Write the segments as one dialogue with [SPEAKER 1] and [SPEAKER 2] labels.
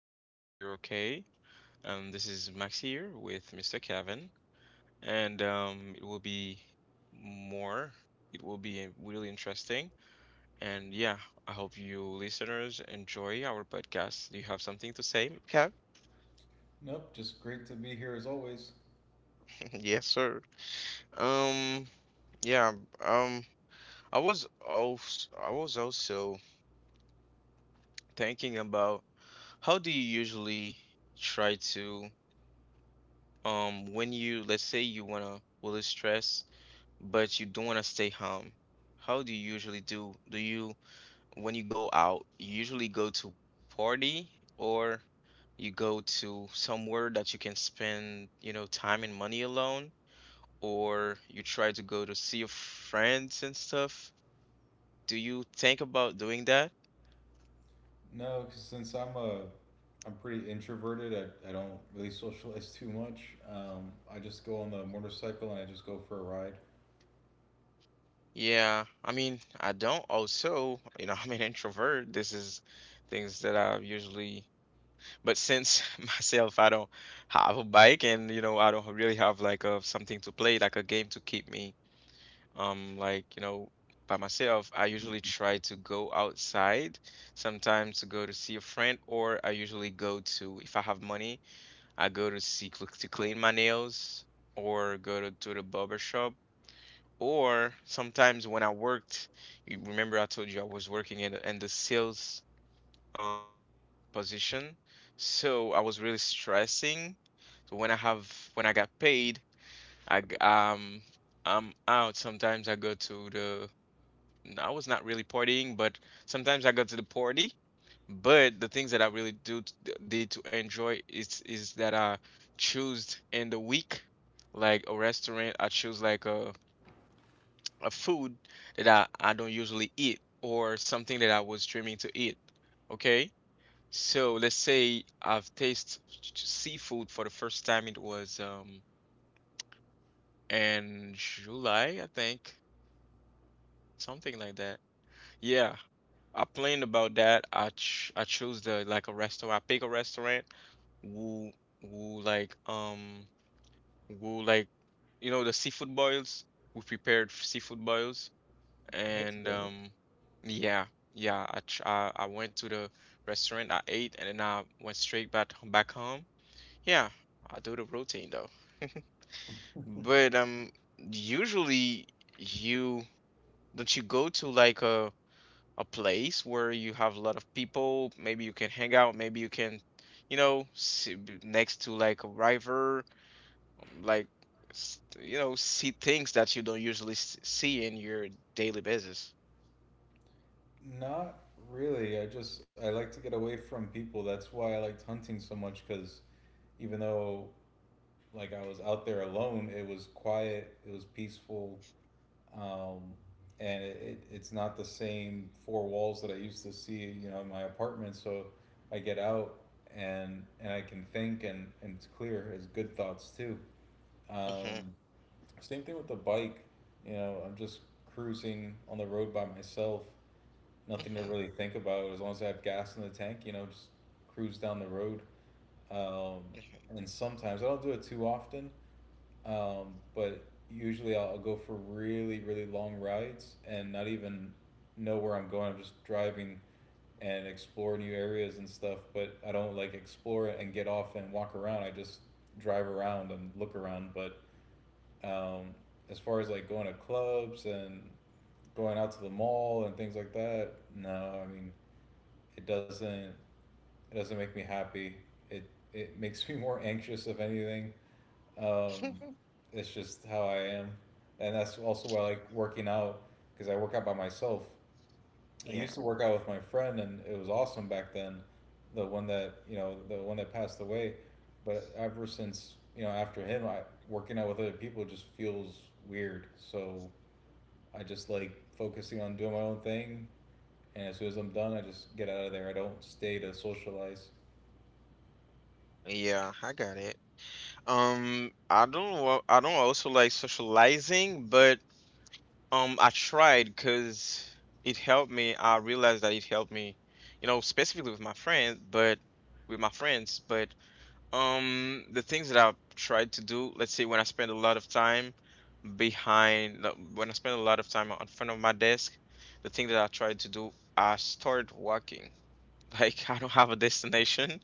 [SPEAKER 1] you're okay. This is Max here with Mr. Kevin, and it will be more. It will be really interesting, and yeah, I hope you listeners enjoy our podcast. Do you have something to say, Kev?
[SPEAKER 2] Nope, just great to be here as always.
[SPEAKER 1] Yes, sir. Um, yeah, um, I was also thinking about how do you usually try to, when you, let's say you wanna release stress but you don't want to stay home. How do you usually do? Do you, when you go out, you usually go to party or you go to somewhere that you can spend, you know, time and money alone, or you try to go to see your friends and stuff? Do you think about doing that?
[SPEAKER 2] No, 'cause since I'm pretty introverted. I don't really socialize too much. I just go on the motorcycle and I just go for a ride.
[SPEAKER 1] Yeah, I mean, I don't also, you know, I'm an introvert. This is things that I usually. But since myself, I don't have a bike, and you know, I don't really have like a something to play, like a game to keep me like, you know, by myself, I usually try to go outside, sometimes to go to see a friend, or I usually go to, if I have money, I go to see to clean my nails or go to the barber shop. Or sometimes when I worked, you remember I told you I was working in the sales um position, so I was really stressing, so when I got paid i g- um I'm out, sometimes I go to the I was not really partying, but sometimes I go to the party. But the things that I really do did to enjoy is that I choose in the week like a restaurant, I choose like a food that I don't usually eat, or something that I was dreaming to eat. Okay, so let's say I've tasted seafood for the first time. It was in July, I think, something like that. Yeah, I planned about that. I chose the like a restaurant. I pick a restaurant who who like um like, you know, the seafood boils. We prepared seafood boils
[SPEAKER 2] That's
[SPEAKER 1] and
[SPEAKER 2] good.
[SPEAKER 1] yeah. Yeah, I went to the restaurant. I ate and then I went straight back home. Yeah, I do the routine though. But usually you don't you go to like a place where you have a lot of people. Maybe you can hang out. Maybe you can, you know, sit next to like a river, like you know, see things that you don't usually see in your daily basis.
[SPEAKER 2] Not really. I like to get away from people. That's why I liked hunting so much. Cause even though like I was out there alone, it was quiet. It was peaceful. um, and it's not the same four walls that I used to see, you know, in my apartment. So I get out, and I can think, and it's clear as good thoughts too.
[SPEAKER 1] Hmm.
[SPEAKER 2] Um, Same thing with the bike. You know, I'm just cruising on the road by myself. Nothing to
[SPEAKER 1] Hmm.
[SPEAKER 2] really think about. As long as I have gas in the tank, just cruise down the road. Um, and sometimes I don't do it too often, but usually I'll go for really, really long rides and not even know where I'm going. I'm just driving and explore new areas and stuff. But I don't like explore and get off and walk around. I just drive around and look around. But um, as far as like going to clubs and going out to the mall and things like that, no. I mean, it doesn't. It doesn't make me happy. It it makes me more anxious if anything, um,
[SPEAKER 1] Hmm.
[SPEAKER 2] it's just how I am, and that's also why I like working out because I work out by myself. I used to
[SPEAKER 1] Yeah.
[SPEAKER 2] work out with my friend, and it was awesome back then. The one that passed away. But ever since, after him, I working out with other people just feels weird. So I just like focusing on doing my own thing, and as soon as I'm done, I just get out of there. I don't stay to socialize.
[SPEAKER 1] Yeah, I got it. I don't know, I don't also like socializing, but I tried because it helped me. I realized that it helped me, you know, specifically with my friends, but with my friends. But the things that I've tried to do, let's say when I spend a lot of time behind, no, when I spend a lot of time in front of my desk, the thing that I tried to do, I started walking. Like I don't have a destination,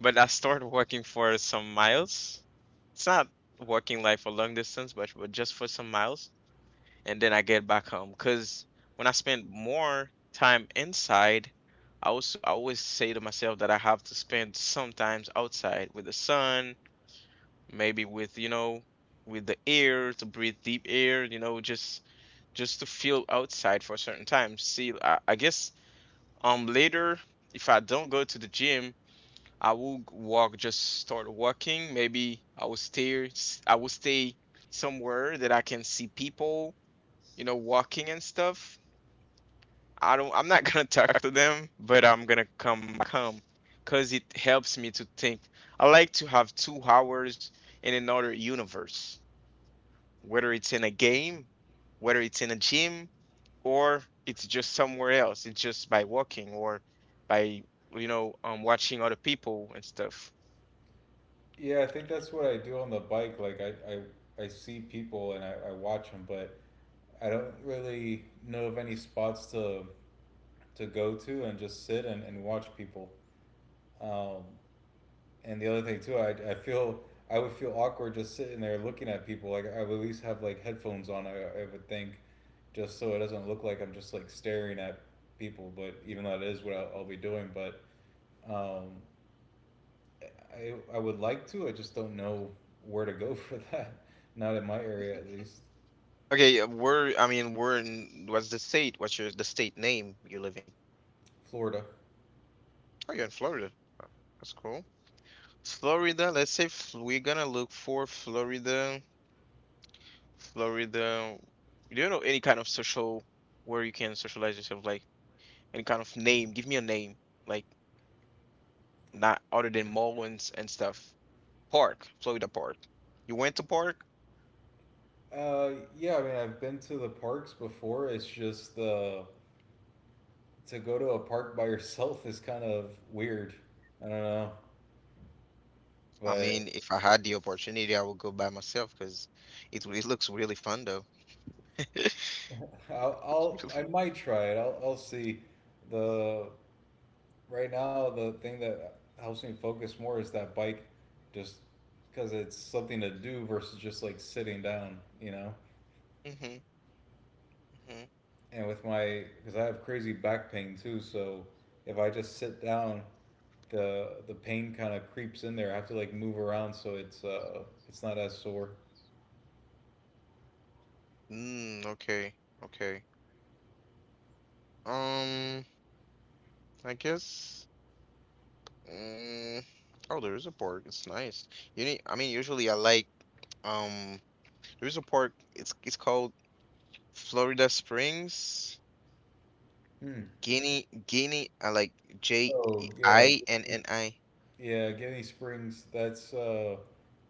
[SPEAKER 1] but I started walking for some miles. It's not walking like for long distance, but just for some miles, and then I get back home. Because when I spend more time inside, I always say to myself that I have to spend sometimes outside with the sun, maybe with, you know, with the air to breathe deep air, you know, just to feel outside for a certain time. See, I guess later if I don't go to the gym, I will walk, just start walking. Maybe I will stay somewhere that I can see people, you know, walking and stuff. I'm not gonna talk to them, but I'm gonna come because it helps me to think. I like to have 2 hours in another universe, whether it's in a game, whether it's in a gym, or it's just somewhere else. It's just by walking or by, you know, watching other people and stuff.
[SPEAKER 2] Yeah, I think that's what I do on the bike. Like I see people, and I watch them, but I don't really know of any spots to go to and just sit and, watch people. Um, and the other thing too, I feel I would feel awkward just sitting there looking at people. Like I would at least have like headphones on. I would think, just so it doesn't look like I'm just like staring at people. But even though it is what I'll be doing, but um, I would like to. I just don't know where to go for that. Not in my area, at least.
[SPEAKER 1] Okay, where in, what's the state? What's your the state name you live in?
[SPEAKER 2] Florida.
[SPEAKER 1] Oh, you're in Florida. Wow. That's cool. Florida, let's say we're gonna look for Florida. Florida, do you know any kind of social where you can socialize yourself? Like any kind of name? Give me a name, like not other than mall and stuff. Park, Florida Park. You went to park?
[SPEAKER 2] Uh, yeah, I mean, I've been to the parks before. It's just the to go to a park by yourself is kind of weird. I don't know,
[SPEAKER 1] I
[SPEAKER 2] but
[SPEAKER 1] mean, if I had the opportunity, I would go by myself because it looks really fun though.
[SPEAKER 2] I might try it. I'll see. The Right now the thing that helps me focus more is that bike, just because it's something to do versus just like sitting down, you know?
[SPEAKER 1] Hmm. Hmm.
[SPEAKER 2] And with my because I have crazy back pain too, so if I just sit down, the pain kind of creeps in there. I have to like move around so it's not as sore.
[SPEAKER 1] Mm, okay. Okay. Um, I guess. Mm, oh, there is a pork. It's nice. You need, I mean, usually I like um there is a pork. It's called Florida Springs,
[SPEAKER 2] Hmm.
[SPEAKER 1] Guinea Guinea. I like J E
[SPEAKER 2] Oh yeah,
[SPEAKER 1] I N N I.
[SPEAKER 2] yeah. Guinea Springs. That's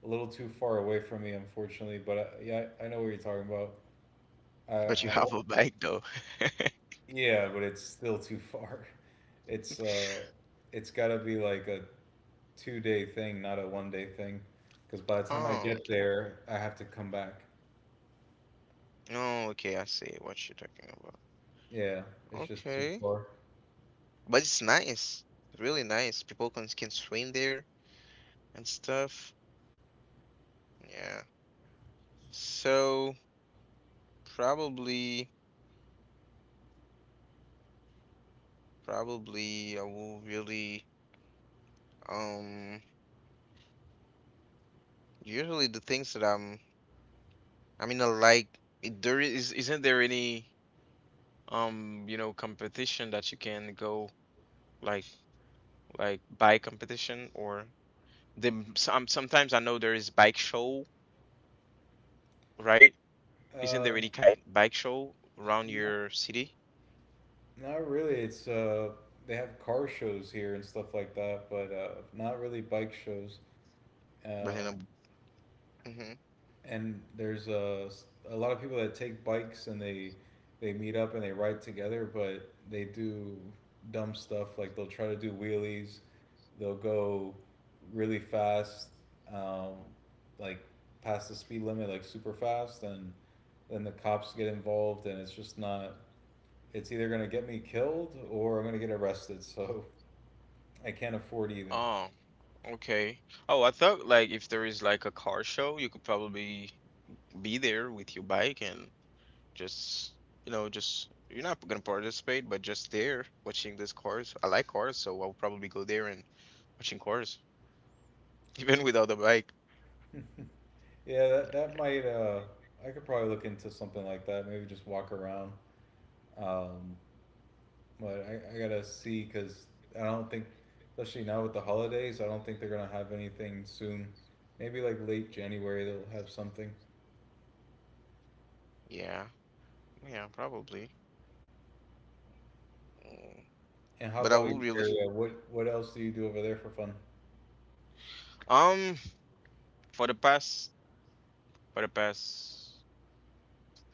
[SPEAKER 2] a little too far away from me, unfortunately. But yeah, I know what you're talking about.
[SPEAKER 1] But you
[SPEAKER 2] I
[SPEAKER 1] have a bag though.
[SPEAKER 2] Yeah, but it's still too far. It's uh, it's got to be like a 2-day thing, not a one day thing. Because by the time I
[SPEAKER 1] Oh,
[SPEAKER 2] get
[SPEAKER 1] okay.
[SPEAKER 2] there, I have to come back.
[SPEAKER 1] Oh, okay. I see what you're talking about.
[SPEAKER 2] Yeah, it's just too
[SPEAKER 1] Okay,
[SPEAKER 2] far.
[SPEAKER 1] but it's nice. It's really nice. People can swim there and stuff. Yeah. So probably probably I will really. Um, usually the things that I'm, I mean, I like there is isn't there any you know, competition that you can go like like bike competition or the some sometimes I know there is bike show, right? Isn't there
[SPEAKER 2] Uh,
[SPEAKER 1] any kind bike show around
[SPEAKER 2] n-
[SPEAKER 1] your city?
[SPEAKER 2] Not really. It's they have car shows here and stuff like that, but not really bike shows.
[SPEAKER 1] But
[SPEAKER 2] Uh,
[SPEAKER 1] in a, hmm.
[SPEAKER 2] and there's a lot of people that take bikes, and they meet up and they ride together, but they do dumb stuff like they'll try to do wheelies. They'll go really fast, um, like past the speed limit, like super fast, and then the cops get involved, and it's just not it's either going to get me killed or I'm going to get arrested. So I can't afford either.
[SPEAKER 1] Oh, okay. Oh, I thought like if there is like a car show, you could probably be there with your bike and just, you know, just you're not gonna participate, but just there watching these cars. I like cars, so I'll probably go there and watching cars, even without a bike.
[SPEAKER 2] Yeah, that might I could probably look into something like that, maybe just walk around. Um, but I gotta see because I don't think, especially now with the holidays, I don't think they're gonna have anything soon. Maybe like late January they'll have something.
[SPEAKER 1] Yeah, yeah, probably. Mm.
[SPEAKER 2] And how
[SPEAKER 1] But I
[SPEAKER 2] about
[SPEAKER 1] will
[SPEAKER 2] your
[SPEAKER 1] really
[SPEAKER 2] area? What else do you do over there for fun?
[SPEAKER 1] um for the past for the past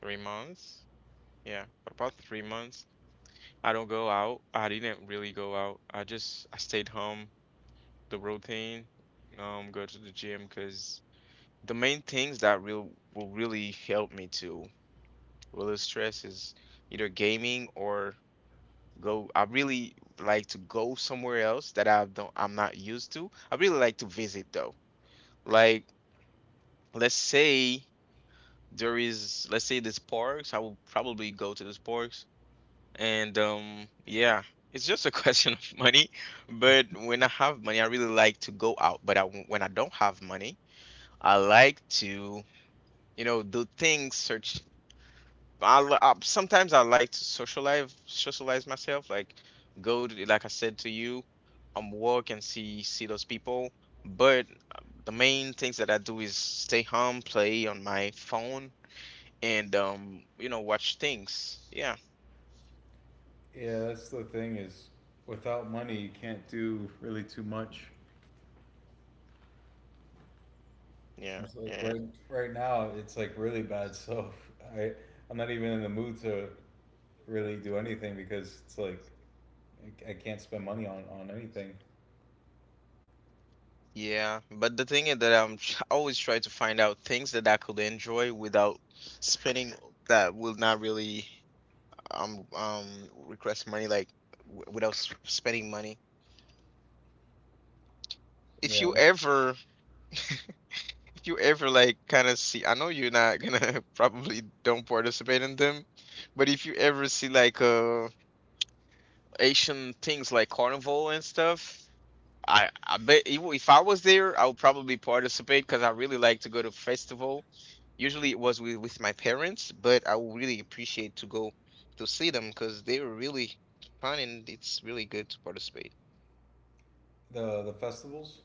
[SPEAKER 1] 3 months. Yeah, for about 3 months, I don't go out. I didn't really go out. I stayed home. The routine, go to the gym because the main things that real will really help me to relieve stress is either gaming or go. I really like to go somewhere else that I'm not used to. I really like to visit though. Like let's say there is let's say this parks, I will probably go to this parks, and yeah. It's just a question of money, but when I have money, I really like to go out. But I, when I don't have money, I like to, you know, do things. Search. I sometimes I like to socialize, socialize myself. Like go to, like I said to you, walk and see those people. But the main things that I do is stay home, play on my phone, and you know, watch things. Yeah,
[SPEAKER 2] Yeah, that's the thing is, without money you can't do really too much.
[SPEAKER 1] yeah,
[SPEAKER 2] It's like
[SPEAKER 1] yeah.
[SPEAKER 2] right now it's like really bad. So I I'm not even in the mood to really do anything because it's like I can't spend money on anything.
[SPEAKER 1] Yeah, but the thing is that I always try to find out things that I could enjoy without spending, that will not really um um request money, like without spending money. if
[SPEAKER 2] Yeah,
[SPEAKER 1] you ever like kind of see, I know you're not gonna probably don't participate in them, but if you ever see like asian things like carnival and stuff, i bet if I was there I would probably participate, because I really like to go to festival. Usually it was with my parents, but I would really appreciate to go to see them because they were really fun and it's really good to participate.
[SPEAKER 2] the festivals.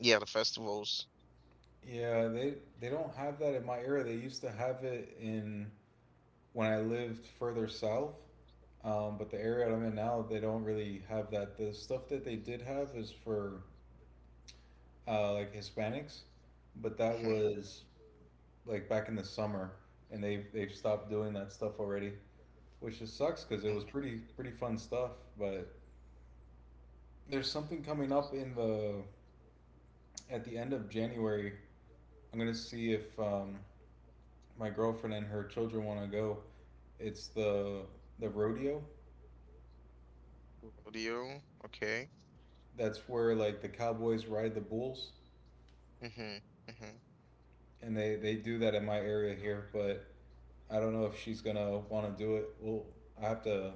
[SPEAKER 1] Yeah, the festivals.
[SPEAKER 2] Yeah, they don't have that in my area. They used to have it in when I lived further south. But the area I'm in now, they don't really have that. The stuff that they did have is for like Hispanics, but that
[SPEAKER 1] Mm-hmm.
[SPEAKER 2] was like back in the summer, and they've stopped doing that stuff already, which just sucks because it was pretty pretty fun stuff. But there's something coming up in the at the end of January. I'm gonna see if my girlfriend and her children want to go. It's the rodeo.
[SPEAKER 1] Rodeo. Okay.
[SPEAKER 2] That's where like the cowboys ride the bulls,
[SPEAKER 1] Mm-hmm. Mm-hmm.
[SPEAKER 2] and they do that in my area here. But I don't know if she's gonna want to do it. Well, I have to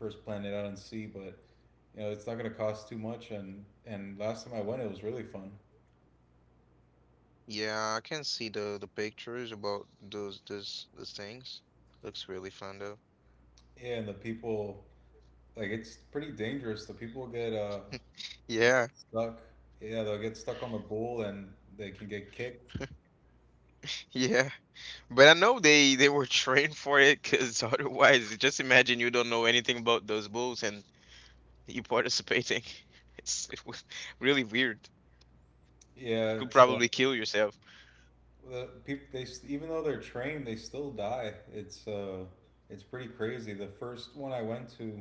[SPEAKER 2] first plan it out and see. But you know, it's not gonna cost too much. And last time I went, it was really fun.
[SPEAKER 1] Yeah, I can see the pictures about those things. Looks really fun though.
[SPEAKER 2] Yeah, and the people, like, it's pretty dangerous. The people get
[SPEAKER 1] Yeah,
[SPEAKER 2] stuck. Yeah, they'll get stuck on the bull, and they can get kicked.
[SPEAKER 1] yeah. But I know they were trained for it, because otherwise, just imagine you don't know anything about those bulls and you participating. It was really weird. You
[SPEAKER 2] Yeah,
[SPEAKER 1] could
[SPEAKER 2] it's
[SPEAKER 1] probably kill yourself.
[SPEAKER 2] the people, they even though they're trained, they still die. It's pretty crazy. The first one I went to,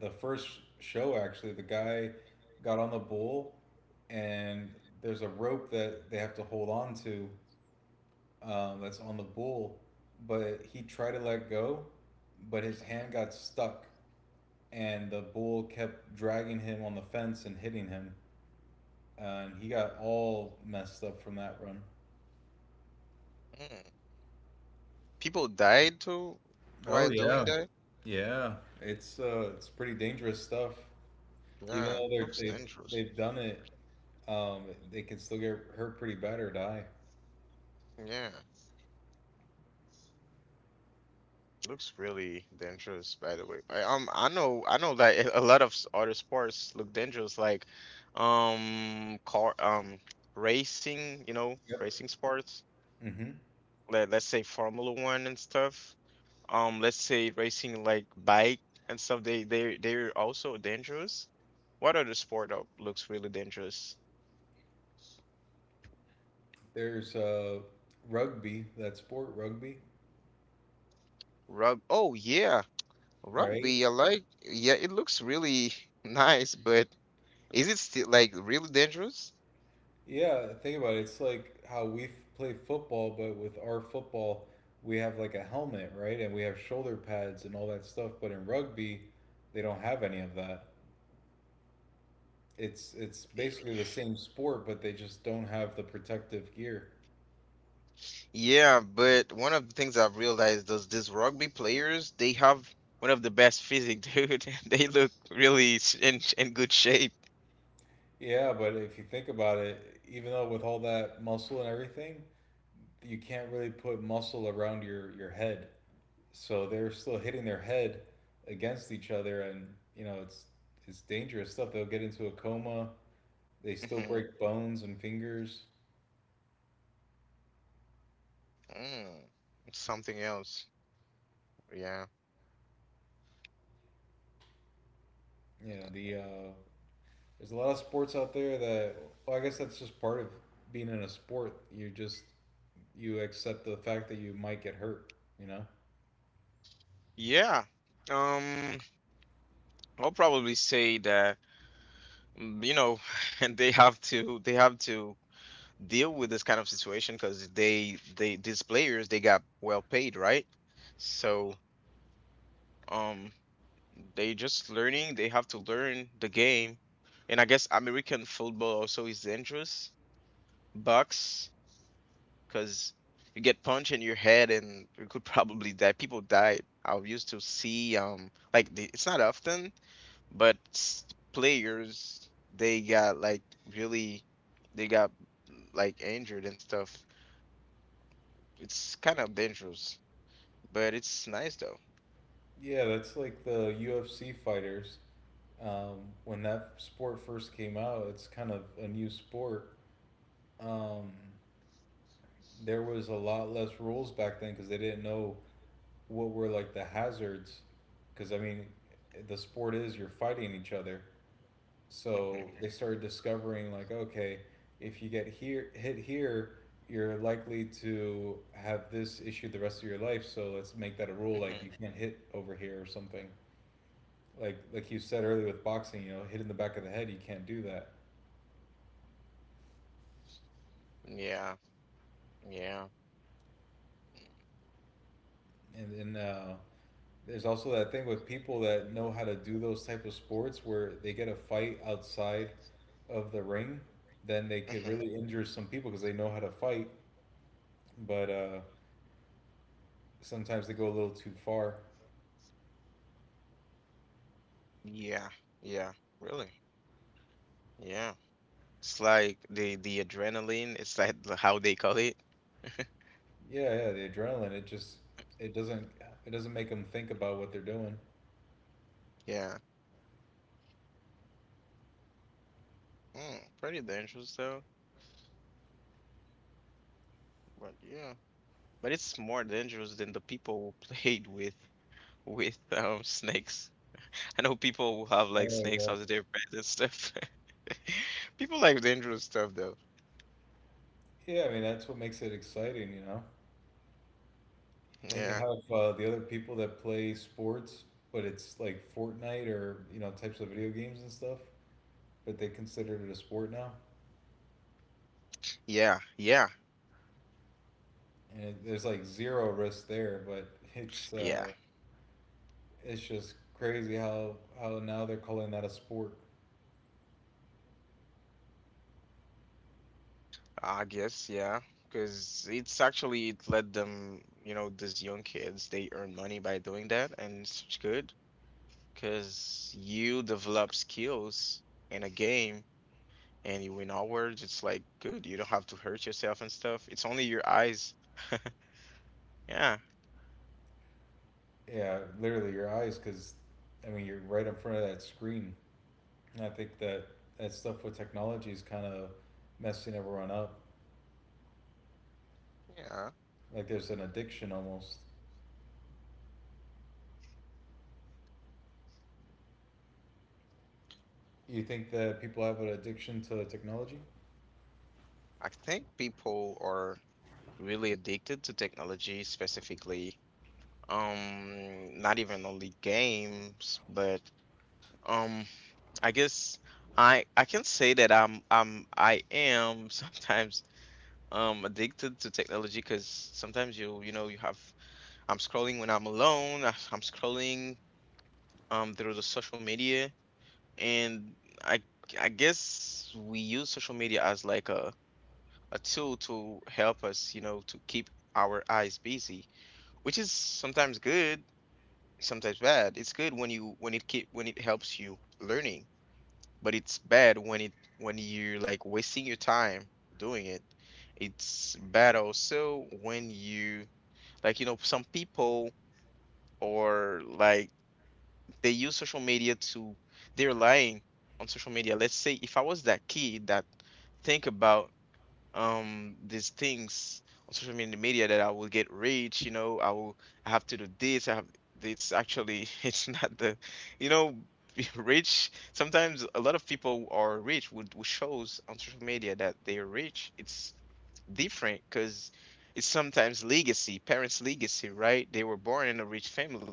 [SPEAKER 2] the first show actually, the guy got on the bull, and there's a rope that they have to hold on to, that's on the bull, but he tried to let go, but his hand got stuck, and the bull kept dragging him on the fence and hitting him, and he got all messed up from that run.
[SPEAKER 1] Mm. People died too
[SPEAKER 2] Oh
[SPEAKER 1] while doing
[SPEAKER 2] yeah.
[SPEAKER 1] that?
[SPEAKER 2] Yeah, it's pretty dangerous stuff. Even
[SPEAKER 1] Yeah,
[SPEAKER 2] though they're,
[SPEAKER 1] looks
[SPEAKER 2] they
[SPEAKER 1] dangerous.
[SPEAKER 2] they've done it, um, they can still get hurt pretty bad or die.
[SPEAKER 1] Yeah, looks really dangerous, by the way. I know that a lot of other sports look dangerous, like, car, racing, you know,
[SPEAKER 2] Yep.
[SPEAKER 1] racing sports.
[SPEAKER 2] Hmm.
[SPEAKER 1] Let's say Formula One and stuff. Let's say racing like bike and stuff. They're also dangerous. What other sport that looks really dangerous?
[SPEAKER 2] There's rugby, that sport, rugby,
[SPEAKER 1] Rug. Oh yeah,
[SPEAKER 2] right?
[SPEAKER 1] rugby. I like. Yeah, it looks really nice, but. Is it still like really dangerous?
[SPEAKER 2] Yeah, think about it. It's like how we play football, but with our football, we have like a helmet, right? And we have shoulder pads and all that stuff. But in rugby, they don't have any of that. It's
[SPEAKER 1] Y-
[SPEAKER 2] basically the same sport, but they just don't have the protective gear.
[SPEAKER 1] Yeah, but one of the things I've realized is these rugby players, they have one of the best physique, dude. They look really in good shape.
[SPEAKER 2] Yeah, but if you think about it, even though with all that muscle and everything, you can't really put muscle around your head. So they're still hitting their head against each other, and you know, it's it's dangerous stuff. They'll get into a coma. They still
[SPEAKER 1] Mm-hmm.
[SPEAKER 2] break bones and fingers.
[SPEAKER 1] Mm. Something else. Yeah.
[SPEAKER 2] Yeah, there's a lot of sports out there that, well, I guess that's just part of being in a sport. You accept the fact that you might get hurt, you know?
[SPEAKER 1] Yeah. Um, I'll probably say that mm, you know, and they have to deal with this kind of situation because they, these players, they got well paid, right? So, um, They just learning. They have to learn the game, and I guess American football also is dangerous. Bucks, because you get punched in your head and you could probably die. People died. I used to see like it's not often, but s- players, they got like really, they got like injured and stuff. It's kind of dangerous, but it's nice though.
[SPEAKER 2] Yeah, that's like the UFC fighters, um, when that sport first came out, it's kind of a new sport. Um, there was a lot less rules back then because they didn't know what were like the hazards. Because I mean, the sport is you're fighting each other, so
[SPEAKER 1] Hmm.
[SPEAKER 2] they started discovering like, okay, if you get here hit here, you're likely to have this issue the rest of your life. So let's make that a rule, like
[SPEAKER 1] Hmm.
[SPEAKER 2] you can't hit over here or something. Like you said earlier with boxing, you know, hit in the back of the head, you can't do that.
[SPEAKER 1] Yeah, yeah.
[SPEAKER 2] And then there's also that thing with people that know how to do those type of sports where they get a fight outside of the ring, then they could
[SPEAKER 1] Mm-hmm.
[SPEAKER 2] really injure some people because they know how to fight, but sometimes they go a little too far.
[SPEAKER 1] Yeah, yeah, really. Yeah. It's like the adrenaline, it's like how they call it.
[SPEAKER 2] Yeah, yeah, the adrenaline, it doesn't it doesn't make them think about what they're doing.
[SPEAKER 1] Yeah. Mm, pretty dangerous though. But yeah. But it's more dangerous than the people who played with with snakes. I know people who have like
[SPEAKER 2] Oh,
[SPEAKER 1] snakes
[SPEAKER 2] yeah.
[SPEAKER 1] as their pets and stuff. People like dangerous stuff though.
[SPEAKER 2] Yeah, I mean that's what makes it exciting, you know. And you
[SPEAKER 1] Yeah.
[SPEAKER 2] have the other people that play sports, but it's like Fortnite or types of video games and stuff, but they considered it a sport now,
[SPEAKER 1] Yeah, yeah,
[SPEAKER 2] and there's like zero risk there. But it's
[SPEAKER 1] yeah.
[SPEAKER 2] uh, it's just crazy how now they're calling that a sport.
[SPEAKER 1] I guess, yeah, because it's actually, it let them, these young kids, they earn money by doing that, and it's good because you develop skills in a game and you win awards. It's like good. You don't have to hurt yourself and stuff. It's only your eyes. Yeah,
[SPEAKER 2] Yeah, literally your eyes, because I mean you're right in front of that screen. And I think that that stuff with technology is kind of messing everyone up.
[SPEAKER 1] yeah.
[SPEAKER 2] Like there's an addiction almost. You think that people have an addiction to technology?
[SPEAKER 1] I think people are really addicted to technology. Specifically, not even only games, but um. I guess I can say that I am sometimes addicted to technology, because sometimes you know you have, I'm scrolling when I'm alone, I'm scrolling through the social media. And I I guess we use social media as like a tool to help us, to keep our eyes busy, which is sometimes good, sometimes bad. It's good when you when it keep, when it helps you learning, but it's bad when it when you're like wasting your time doing it. It's bad also when you, like you know some people, or like they use social media to, they're lying on social media. Let's say if I was that kid that think about these things on social media that I will get rich. You know, I will, I have to do this, I have, it's actually it's not the, you know, rich, sometimes a lot of people are rich would shows on social media that they're rich. It's different because it's sometimes legacy, parents' legacy, right? They were born in a rich family,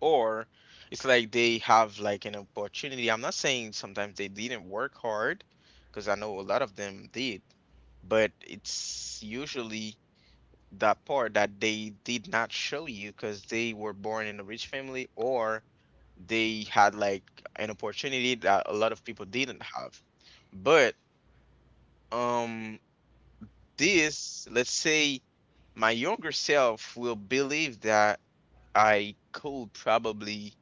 [SPEAKER 1] or it's like they have like an opportunity. I'm not saying sometimes they didn't work hard, because I know a lot of them did, but it's usually that part that they did not show you, because they were born in a rich family, or they had like an opportunity that a lot of people didn't have. But um this, let's say my younger self will believe that I could probably,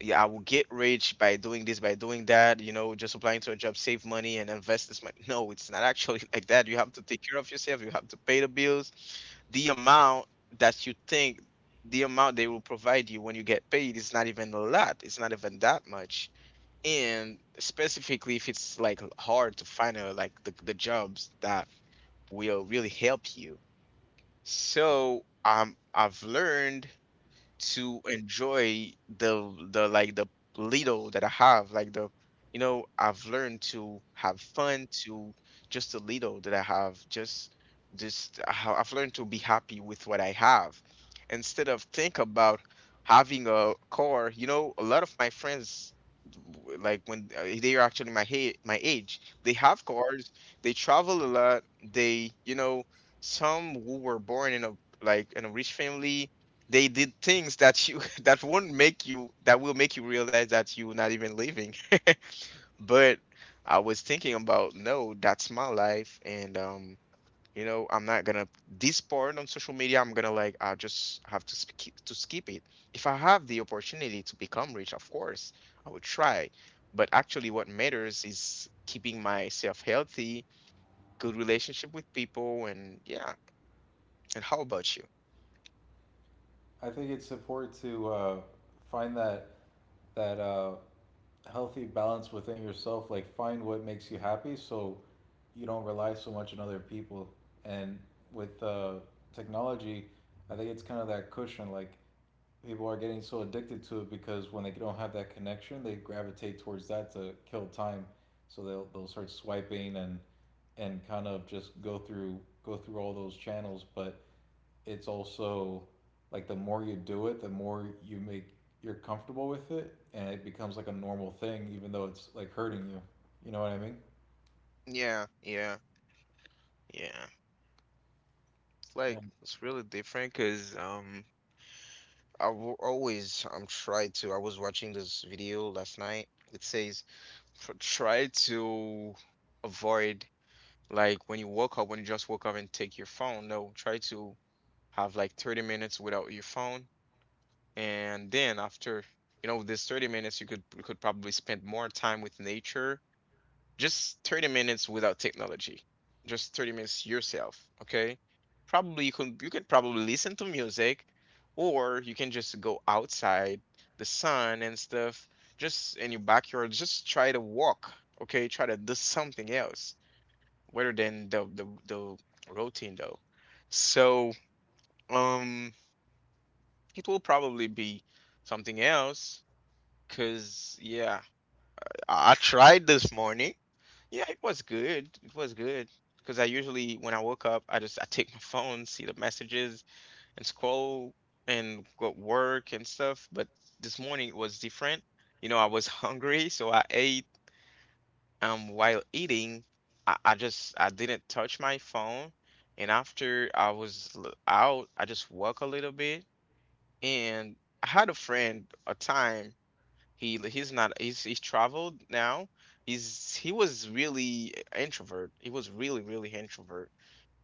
[SPEAKER 1] yeah, I will get rich by doing this, by doing that. You know, just applying to a job, save money and invest this money. No, it's not actually like that. You have to take care of yourself. You have to pay the bills. The amount that you think, the amount they will provide you when you get paid is not even a lot. It's not even that much. And specifically if it's like hard to find a, the jobs that will really help you. So I've learned to enjoy the little that I have, like the, you know, I've learned to have fun to, just the little that I have, just how I've learned to be happy with what I have instead of think about having a car. You know, a lot of my friends, w- like when they are actually my my age, they have cars, they travel a lot, they, you know, some who were born in a, like in a rich family, they did things that you that won't make you that will make you realize that you're not even living. But I was thinking about, no, that's my life, and, you know, I'm not gonna this part on social media. I'm gonna like, I just have to skip it. If I have the opportunity to become rich, of course, I would try. But actually, what matters is keeping myself healthy, good relationship with people, and yeah. And how about you?
[SPEAKER 2] I think it's important to find that healthy balance within yourself, like find what makes you happy so you don't rely so much on other people. And with technology, I think it's kind of that cushion. Like people are getting so addicted to it because when they don't have that connection, they gravitate towards that to kill time. So they'll start swiping and and kind of just go through all those channels. But it's also like the more you do it, the more you make you're comfortable with it, and it becomes like a normal thing, even though it's like hurting you. You know what I mean?
[SPEAKER 1] Yeah, yeah, yeah. Like
[SPEAKER 2] Um,
[SPEAKER 1] it's really different because I've always tried to, I was watching this video last night. It says, try to avoid, like when you woke up, when you just woke up and take your phone. No, try to have like 30 minutes without your phone, and then after, you know, this 30 minutes you could, you could probably spend more time with nature. Just 30 minutes without technology, just 30 minutes yourself, okay. Probably you can, you can probably listen to music, or you can just go outside, the sun and stuff, just in your backyard, just try to walk. Okay, try to do something else rather than the routine though. So um it will probably be something else because, yeah, I tried this morning. Yeah, it was good. It was good. Because I usually, when I woke up, I just, I take my phone, see the messages, and scroll and go to work and stuff. But this morning it was different. You know, I was hungry, so I ate. While eating, I just, I didn't touch my phone. And after I was out, I just walk a little bit. And I had a friend a time. He he's not he's He's traveled now. He was really introvert. He was really really introvert.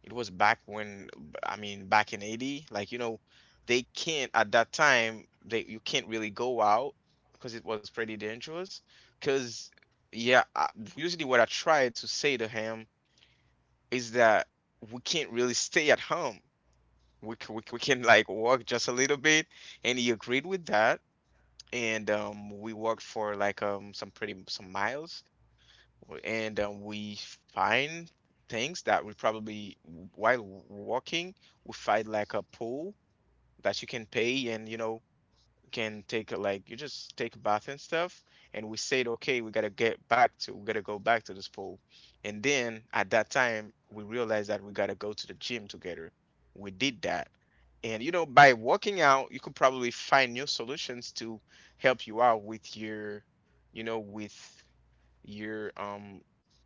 [SPEAKER 1] It was back when, I mean back in 80, like, you know, they can't at that time, they you can't really go out because it was pretty dangerous. Because, yeah, I, usually what I tried to say to him is that we can't really stay at home. We can like walk just a little bit, and he agreed with that. And we walked for like some pretty some miles, and we find things that we probably, while walking we find like a pool that you can pay, and you know, can take a, like you just take a bath and stuff. And we said, okay, we gotta get back to we gotta go back to this pool. And then at that time we realized that we gotta go to the gym together. We did that, and you know, by working out you could probably find new solutions to help you out with your, you know, with your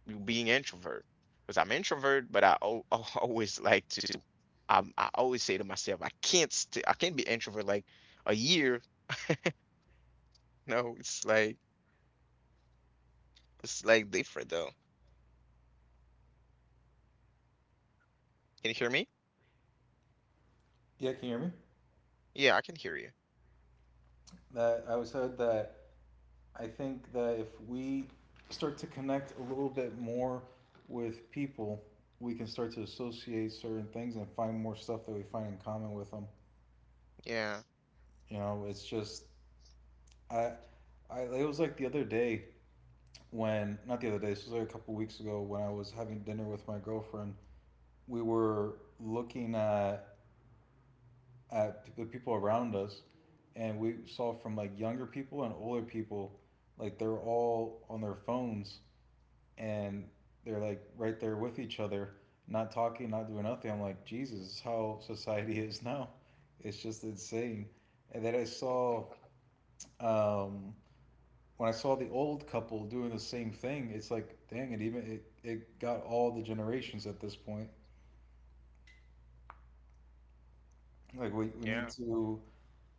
[SPEAKER 1] you being introvert. Because I'm introvert, but always like to, I always say to myself, I can't be introvert like a year. No, it's like, it's like different though. Can you hear me?
[SPEAKER 2] yeah, can you hear me?
[SPEAKER 1] Yeah, I can hear you.
[SPEAKER 2] That I was said that I think that if we start to connect a little bit more with people, we can start to associate certain things and find more stuff that we find in common with them.
[SPEAKER 1] Yeah,
[SPEAKER 2] You know, it's just I, I it was like the other day, when not the other day, this was like a couple weeks ago when I was having dinner with my girlfriend. We were looking at the people around us, and we saw from like younger people and older people, like they're all on their phones and they're like right there with each other, not talking, not doing nothing. I'm like, Jesus, this is how society is now. It's just insane. And then I saw um, when I saw the old couple doing the same thing, it's like, dang it, even it got all the generations at this point. Like we
[SPEAKER 1] yeah,
[SPEAKER 2] need to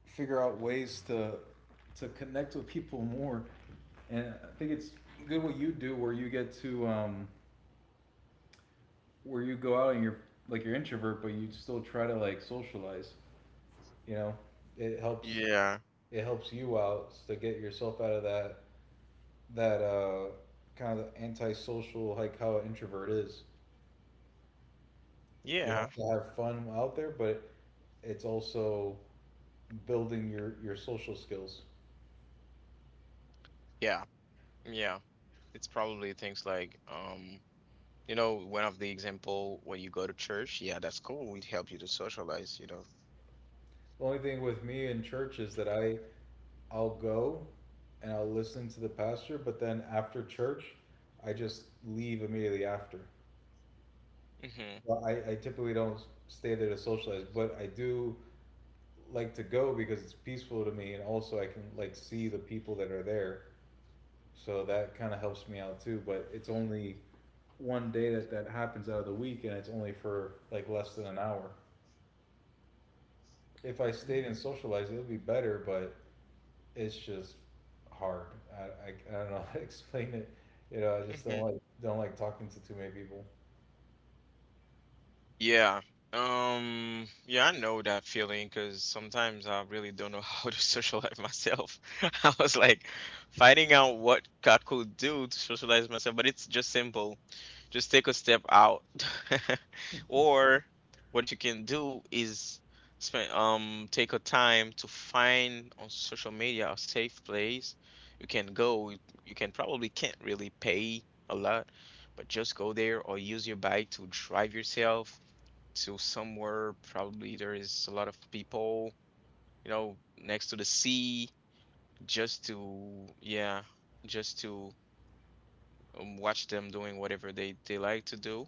[SPEAKER 2] figure out ways to connect with people more. And I think it's good what you do where you get to where you go out and you're like you're introvert but you still try to like socialize, you know? It helps,
[SPEAKER 1] yeah,
[SPEAKER 2] it helps you out to get yourself out of that that kind of antisocial, like how an introvert is. You
[SPEAKER 1] yeah,
[SPEAKER 2] have to have fun out there, but it's also building your social skills.
[SPEAKER 1] yeah, yeah. It's probably things like you know, one of the example, when you go to church, yeah, that's cool. It helps you to socialize, you know.
[SPEAKER 2] The only thing with me in church is that I, I'll go and I'll listen to the pastor, but then after church, I just leave immediately after. Well, I typically don't stay there to socialize, but I do like to go because it's peaceful to me, and also I can like see the people that are there, so that kind of helps me out too. But it's only one day that that happens out of the week, and it's only for like less than an hour. If I
[SPEAKER 1] Mm-hmm.
[SPEAKER 2] stayed and socialized, it would be better, but it's just hard. I don't know how to explain it. You know, I just don't like talking to too many people.
[SPEAKER 1] Yeah. Yeah, I know that feeling because sometimes I really don't know how to socialize myself. I was like finding out what I could do to socialize myself, but it's just simple. Just take a step out. Or what you can do is spend take a time to find on social media a safe place you can go. You can probably can't really pay a lot, but just go there, or use your bike to drive yourself to somewhere. Probably there is a lot of people, you know, next to the sea, just to, yeah, just to watch them doing whatever they like to do.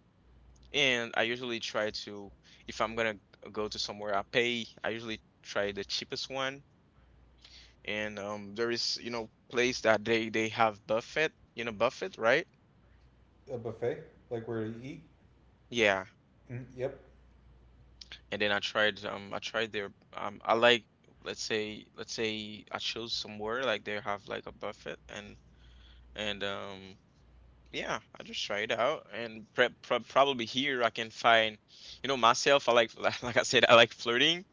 [SPEAKER 1] And I usually try to, if I'm gonna go to somewhere I pay, I usually try the cheapest one. And there is, you know, place that they have buffet. You know, buffet, right?
[SPEAKER 2] A buffet, like where to eat.
[SPEAKER 1] Yeah.
[SPEAKER 2] Mm, yep.
[SPEAKER 1] And then I tried their I like, let's say I chose somewhere like they have like a buffet, and yeah, I just try it out. And pre pro probably here I can find, you know, myself. I like, like I said, I like flirting,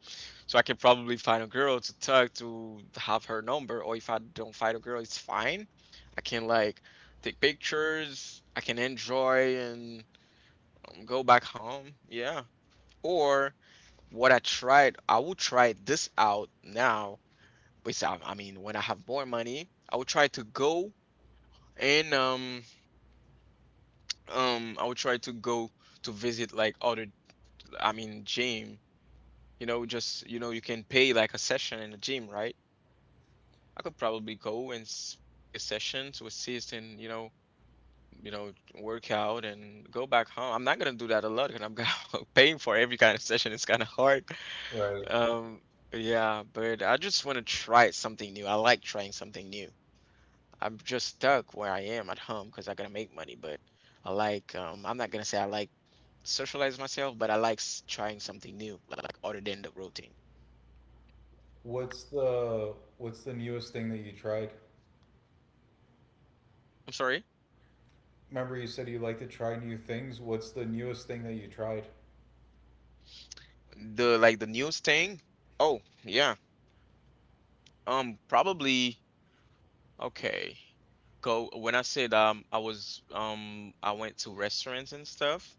[SPEAKER 1] so I can probably find a girl to talk to, have her number. Or if I don't find a girl, it's fine. I can like take pictures, I can enjoy and go back home, yeah. Or what I tried, I will try this out now. Which I mean, when I have more money, I will try to go and I will try to go to visit like I mean, gym. You know, you can pay like a session in a gym, right? I could probably go and pay a session to assist, and work out and go back home. I'm not gonna do that a lot because I'm gonna paying for every kind of session. It's kind of hard.
[SPEAKER 2] Right.
[SPEAKER 1] Um, yeah, but I just want to try something new. I like trying something new. I'm just stuck where I am at home because I gotta make money, but I like, I'm not gonna say I like socialize myself, but I like trying something new, like other than the routine.
[SPEAKER 2] What's the newest thing that you tried?
[SPEAKER 1] I'm sorry?
[SPEAKER 2] Remember you said you like to try new things. What's the newest thing that you tried?
[SPEAKER 1] The, like, the news thing? Oh, yeah. Probably. Okay. Go, when I said I went to restaurants and stuff.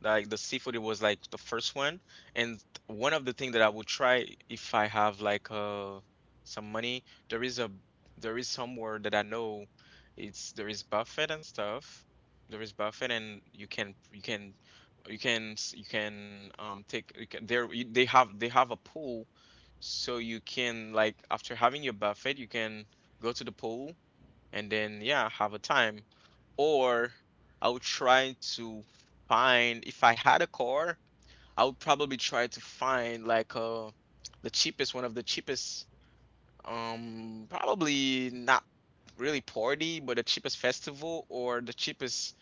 [SPEAKER 1] Like, the seafood, it was like the first one. And one of the things that I would try, if I have like some money, there is a there is somewhere that I know, it's there is buffet and stuff. There is buffet and you can, you can take, you can, there they have a pool, so you can, like, after having your buffet, you can go to the pool and then, yeah, have a time. Or I would try to find, if I had a car, I would probably try to find like the cheapest, one of the cheapest, probably not really party, but the cheapest festival, or the cheapest,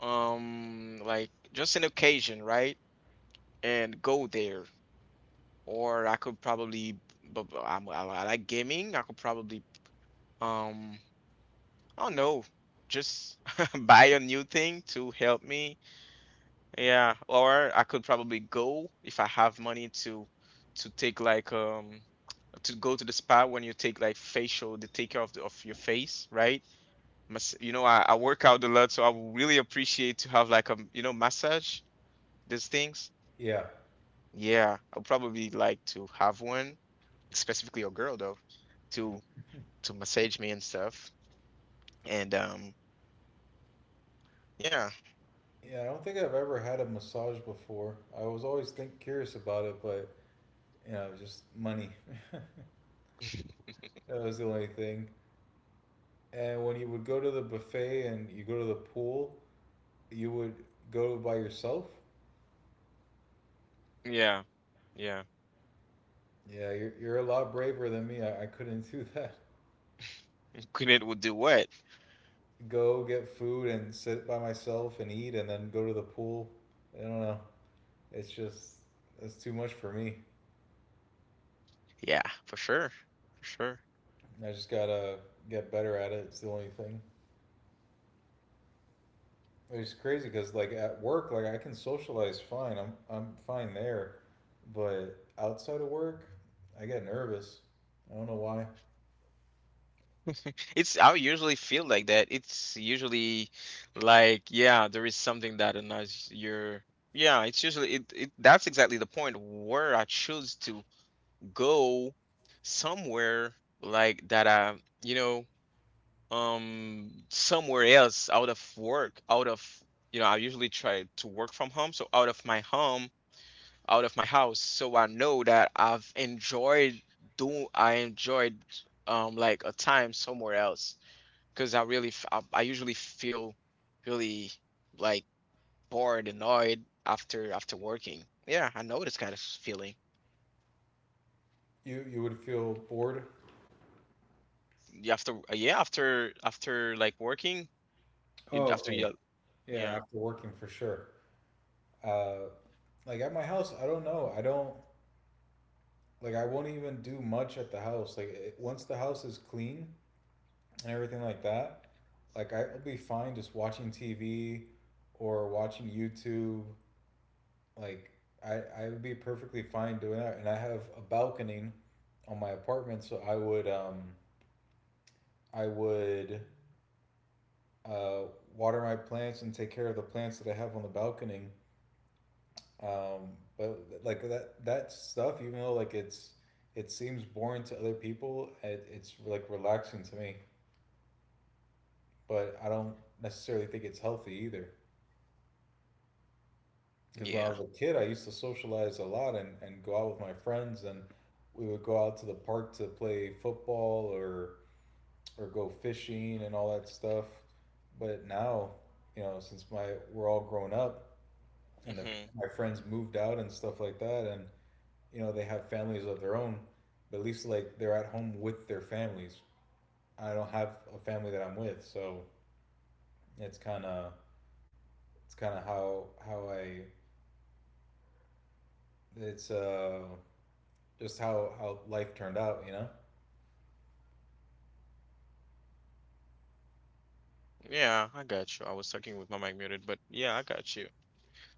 [SPEAKER 1] like, just an occasion, right, and go there. Or I could probably, but I'm, I like gaming, I could probably um oh, no, just buy a new thing to help me. Yeah, or I could probably go, if I have money, to take like to go to the spa, when you take like facial, they take care of the, of your face, right? Mas, you know, I work out a lot, so I would really appreciate to have like a, you know, massage, these things.
[SPEAKER 2] Yeah.
[SPEAKER 1] Yeah, I would probably like to have one, specifically a girl though, to massage me and stuff. And yeah,
[SPEAKER 2] Yeah, I don't think I've ever had a massage before. I was always think curious about it, but you know, just money. That was the only thing. And when you would go to the buffet and you go to the pool, you would go by yourself.
[SPEAKER 1] yeah, yeah.
[SPEAKER 2] Yeah, you're a lot braver than me. I couldn't do that.
[SPEAKER 1] Clean would do what?
[SPEAKER 2] Go get food and sit by myself and eat and then go to the pool. I don't know. It's just, it's too much for me.
[SPEAKER 1] Yeah, for sure. For sure.
[SPEAKER 2] I just gotta get better at it. It's the only thing. It's crazy because like at work, like I can socialize fine. I'm fine there, but outside of work, I get nervous. I don't know why.
[SPEAKER 1] It's, I usually feel like that. It's usually like, yeah, there is something that annoys your, yeah, it's usually it, that's exactly the point where I choose to go somewhere like that, I, you know, somewhere else, out of work, out of, you know, I usually try to work from home, so out of my home, out of my house, so I know that I've enjoyed doing, I enjoyed like a time somewhere else, because I really I usually feel really, like, bored, annoyed after working. Yeah, I know this kind of feeling.
[SPEAKER 2] You would feel bored.
[SPEAKER 1] You, after, yeah, after like working, you
[SPEAKER 2] Oh,
[SPEAKER 1] after
[SPEAKER 2] okay.
[SPEAKER 1] you.
[SPEAKER 2] Yeah,
[SPEAKER 1] Yeah.
[SPEAKER 2] after working for sure. Uh, like at my house, I don't know. I don't Like I won't even do much at the house. Like once the house is clean and everything like that, like I'll be fine just watching TV or watching YouTube. Like I would be perfectly fine doing that, and I have a balcony on my apartment, so I would uh water my plants and take care of the plants that I have on the balcony. But like that stuff, even though like it seems boring to other people, it's like relaxing to me. But I don't necessarily think it's healthy either. Because when I
[SPEAKER 1] Yeah.
[SPEAKER 2] was a kid, I used to socialize a lot, and go out with my friends, and we would go out to the park to play football or go fishing and all that stuff. But now, you know, since my we're all grown up, and
[SPEAKER 1] Hmm.
[SPEAKER 2] my friends moved out and stuff like that, and you know they have families of their own, but at least like they're at home with their families. I don't have a family that I'm with, so it's kind of, it's kind of how I it's just how life turned out. You know,
[SPEAKER 1] Yeah, I got you. I was talking with my mic muted, but yeah, I got you.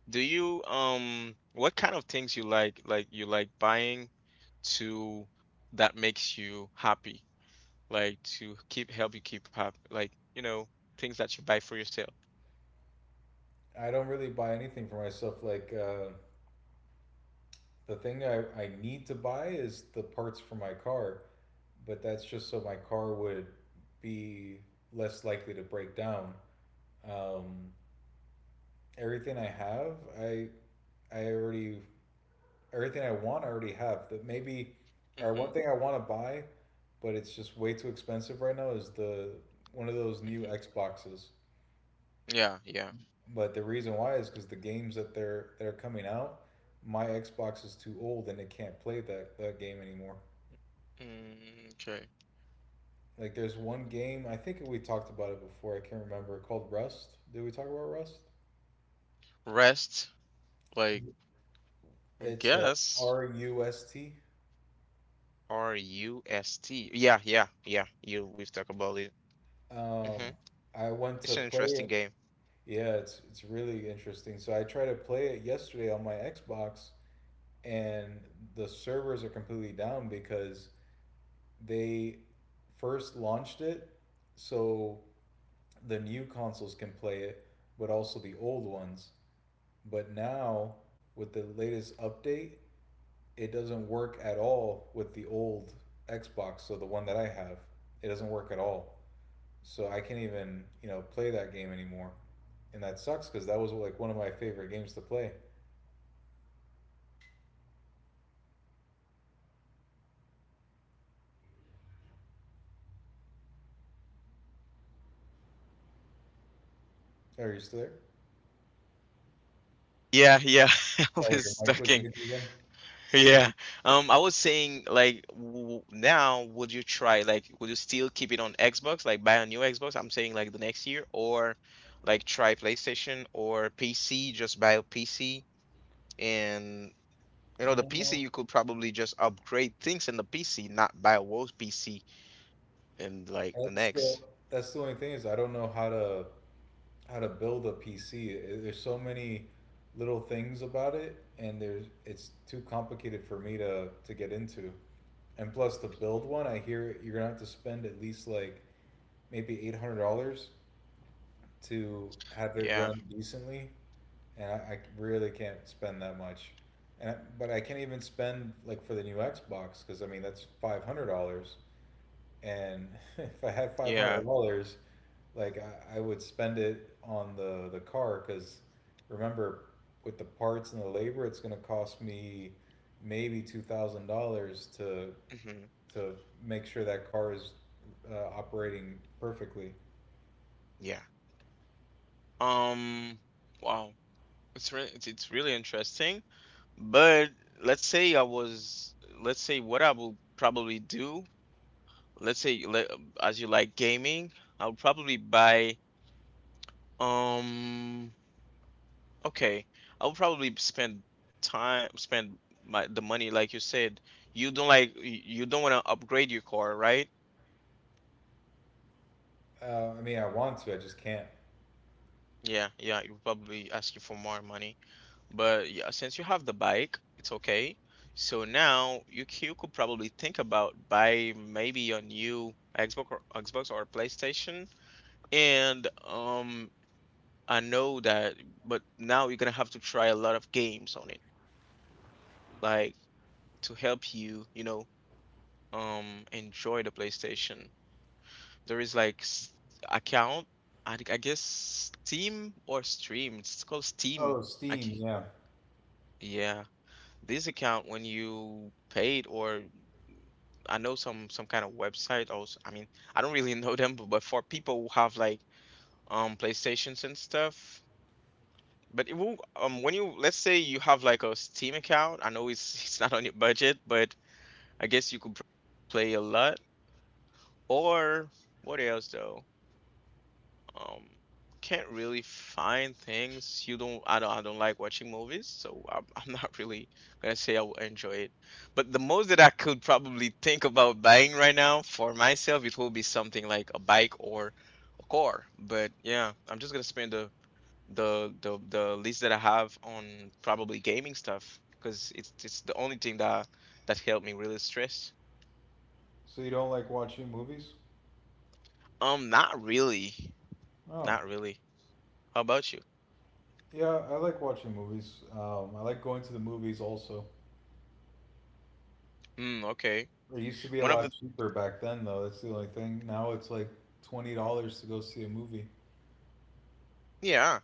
[SPEAKER 1] Do you, what kind of things you like you like buying to, that makes you happy, like to keep, help you keep happy, like, you know, things that you buy for yourself.
[SPEAKER 2] I don't really buy anything for myself. Like the thing that I need to buy is the parts for my car, but that's just so my car would be less likely to break down. Um, Everything I have, I I already everything I want, I already have. That maybe, or
[SPEAKER 1] Mm-hmm.
[SPEAKER 2] one thing I want to buy, but it's just way too expensive right now, is the one of those new
[SPEAKER 1] Mm-hmm.
[SPEAKER 2] Xboxes?
[SPEAKER 1] Yeah, yeah.
[SPEAKER 2] But the reason why is because the games that they're that are coming out, my Xbox is too old and it can't play that game anymore.
[SPEAKER 1] Mm, okay.
[SPEAKER 2] Like there's one game I think we talked about it before. I can't remember, called Rust. Did we talk about Rust?
[SPEAKER 1] Rest, like,
[SPEAKER 2] It's
[SPEAKER 1] guess
[SPEAKER 2] Rust.
[SPEAKER 1] Rust. Yeah, yeah, yeah. You, we've talked about it.
[SPEAKER 2] Um,
[SPEAKER 1] Mm-hmm.
[SPEAKER 2] I went to
[SPEAKER 1] It's an
[SPEAKER 2] play
[SPEAKER 1] interesting
[SPEAKER 2] it.
[SPEAKER 1] game.
[SPEAKER 2] Yeah, it's really interesting. So I tried to play it yesterday on my Xbox, and the servers are completely down because they first launched it. So the new consoles can play it, but also the old ones. But now with the latest update, it doesn't work at all with the old Xbox, so the one that I have. It doesn't work at all. So I can't even, you know, play that game anymore. And that sucks because that was like one of my favorite games to play. Are you still there?
[SPEAKER 1] Yeah, yeah. I
[SPEAKER 2] Oh, your
[SPEAKER 1] was
[SPEAKER 2] mic was
[SPEAKER 1] talking.
[SPEAKER 2] muted again?
[SPEAKER 1] Yeah. I was saying like, w now would you try, like would you still keep it on Xbox, like buy a new Xbox? I'm saying like the next year, or like try PlayStation or PC, just buy a PC, and you know the PC
[SPEAKER 2] No,
[SPEAKER 1] you could probably just upgrade things in the PC, not buy a worse PC and like the
[SPEAKER 2] that's the
[SPEAKER 1] next.
[SPEAKER 2] that's the only thing. Is I don't know how to build a PC. There's so many little things about it, and there's, it's too complicated for me to get into. And plus, to build one, I hear you're gonna have to spend at least like maybe $800 to have it
[SPEAKER 1] Yeah.
[SPEAKER 2] run decently, and I really can't spend that much. And but I can't even spend like for the new Xbox, because I mean that's $500, and if I had five hundred
[SPEAKER 1] Yeah.
[SPEAKER 2] dollars, like I would spend it on the car, because remember, with the parts and the labor it's going to cost me maybe $2,000 to
[SPEAKER 1] Hmm.
[SPEAKER 2] to make sure that car is operating perfectly.
[SPEAKER 1] Yeah. Um, wow. It's really, it's really interesting. But let's say I was, let's say what I will probably do, let's say you, as you like gaming, I'll probably buy, um okay, I'll probably spend time spend my the money like you said. You don't like, you don't want to upgrade your car, right?
[SPEAKER 2] I mean I want to, I just can't.
[SPEAKER 1] Yeah, yeah, you probably ask you for more money. But yeah, since you have the bike, it's okay. So now you, you could probably think about buy maybe a new Xbox, or Xbox or PlayStation. And I know that, but now you're gonna have to try a lot of games on it, like to help you, you know, enjoy the PlayStation. There is like account, I guess Steam, or Stream. It's called Steam.
[SPEAKER 2] Oh,
[SPEAKER 1] I can,
[SPEAKER 2] Steam, yeah.
[SPEAKER 1] yeah, this account, when you paid, or I know some kind of website also. I mean, I don't really know them, but for people who have like PlayStations and stuff. But it will, when you, let's say you have like a Steam account, I know it's it's not on your budget, but I guess you could probably play a lot. Or what else though? Um, can't really find things. You don't. I don't. I don't like watching movies, so I'm, I'm not really gonna say I will enjoy it. But the most that I could probably think about buying right now for myself, it will be something like a bike or a car. But yeah, I'm just gonna spend the the list that I have on probably gaming stuff, because it's the only thing that helped me really stress.
[SPEAKER 2] So you don't like watching movies?
[SPEAKER 1] Not really,
[SPEAKER 2] oh
[SPEAKER 1] not really. How about you?
[SPEAKER 2] yeah, I like watching movies. I like going to the movies also.
[SPEAKER 1] Hmm. Okay.
[SPEAKER 2] It used to be a
[SPEAKER 1] One of the
[SPEAKER 2] lot cheaper back then, though. That's the only thing. Now it's like $20 to go see a movie.
[SPEAKER 1] yeah.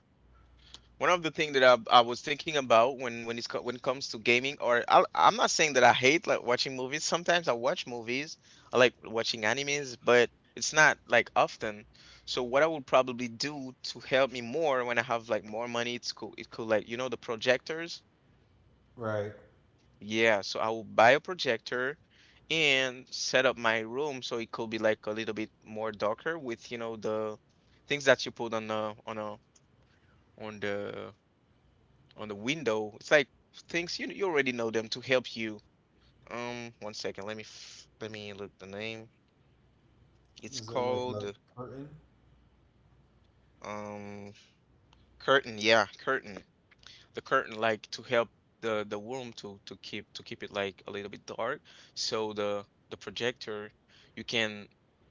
[SPEAKER 1] One of the things that I was thinking about, when it's when it comes to gaming, or I'm not saying that I hate like watching movies. Sometimes I watch movies, I like watching animes, but it's not like often. So what I would probably do to help me more, when I have like more money, it's cool. It could, like, you know, the projectors.
[SPEAKER 2] Right.
[SPEAKER 1] Yeah, so I will buy a projector and set up my room so it could be like a little bit more darker, with, you know, the things that you put on the, on a, on the on the window. It's like things, you already know them, to help you. One second, let me f let me look the name. It's
[SPEAKER 2] Is it like a
[SPEAKER 1] called,
[SPEAKER 2] curtain?
[SPEAKER 1] um curtain. Yeah, curtain. The curtain, like, to help the room to to keep it like a little bit dark, so the projector, you can,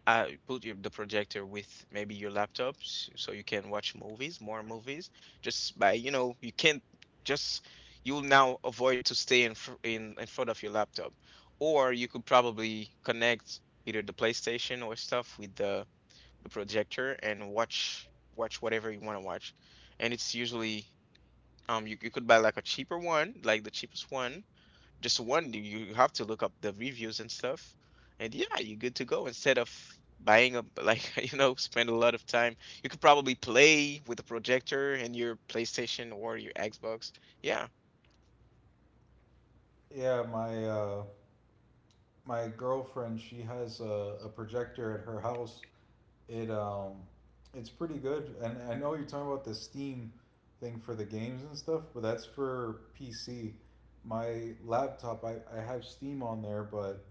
[SPEAKER 1] put your, the projector with maybe your laptop, so you can watch movies, more movies, just by, you know, you can't just, you'll now avoid to stay in in front of your laptop, or you could probably connect either the PlayStation or stuff with the projector, and watch whatever you want to watch. And it's usually, you, you could buy like a cheaper one, like the cheapest one, just one. You have to look up the reviews and stuff, and yeah, you're good to go. Instead of buying a like you know, spend a lot of time. You could probably play with a projector and your PlayStation or your Xbox. Yeah.
[SPEAKER 2] Yeah, my my girlfriend, she has a projector at her house. It it's pretty good. And I know you're talking about the Steam thing for the games and stuff, but that's for PC. My laptop, I have Steam on there, but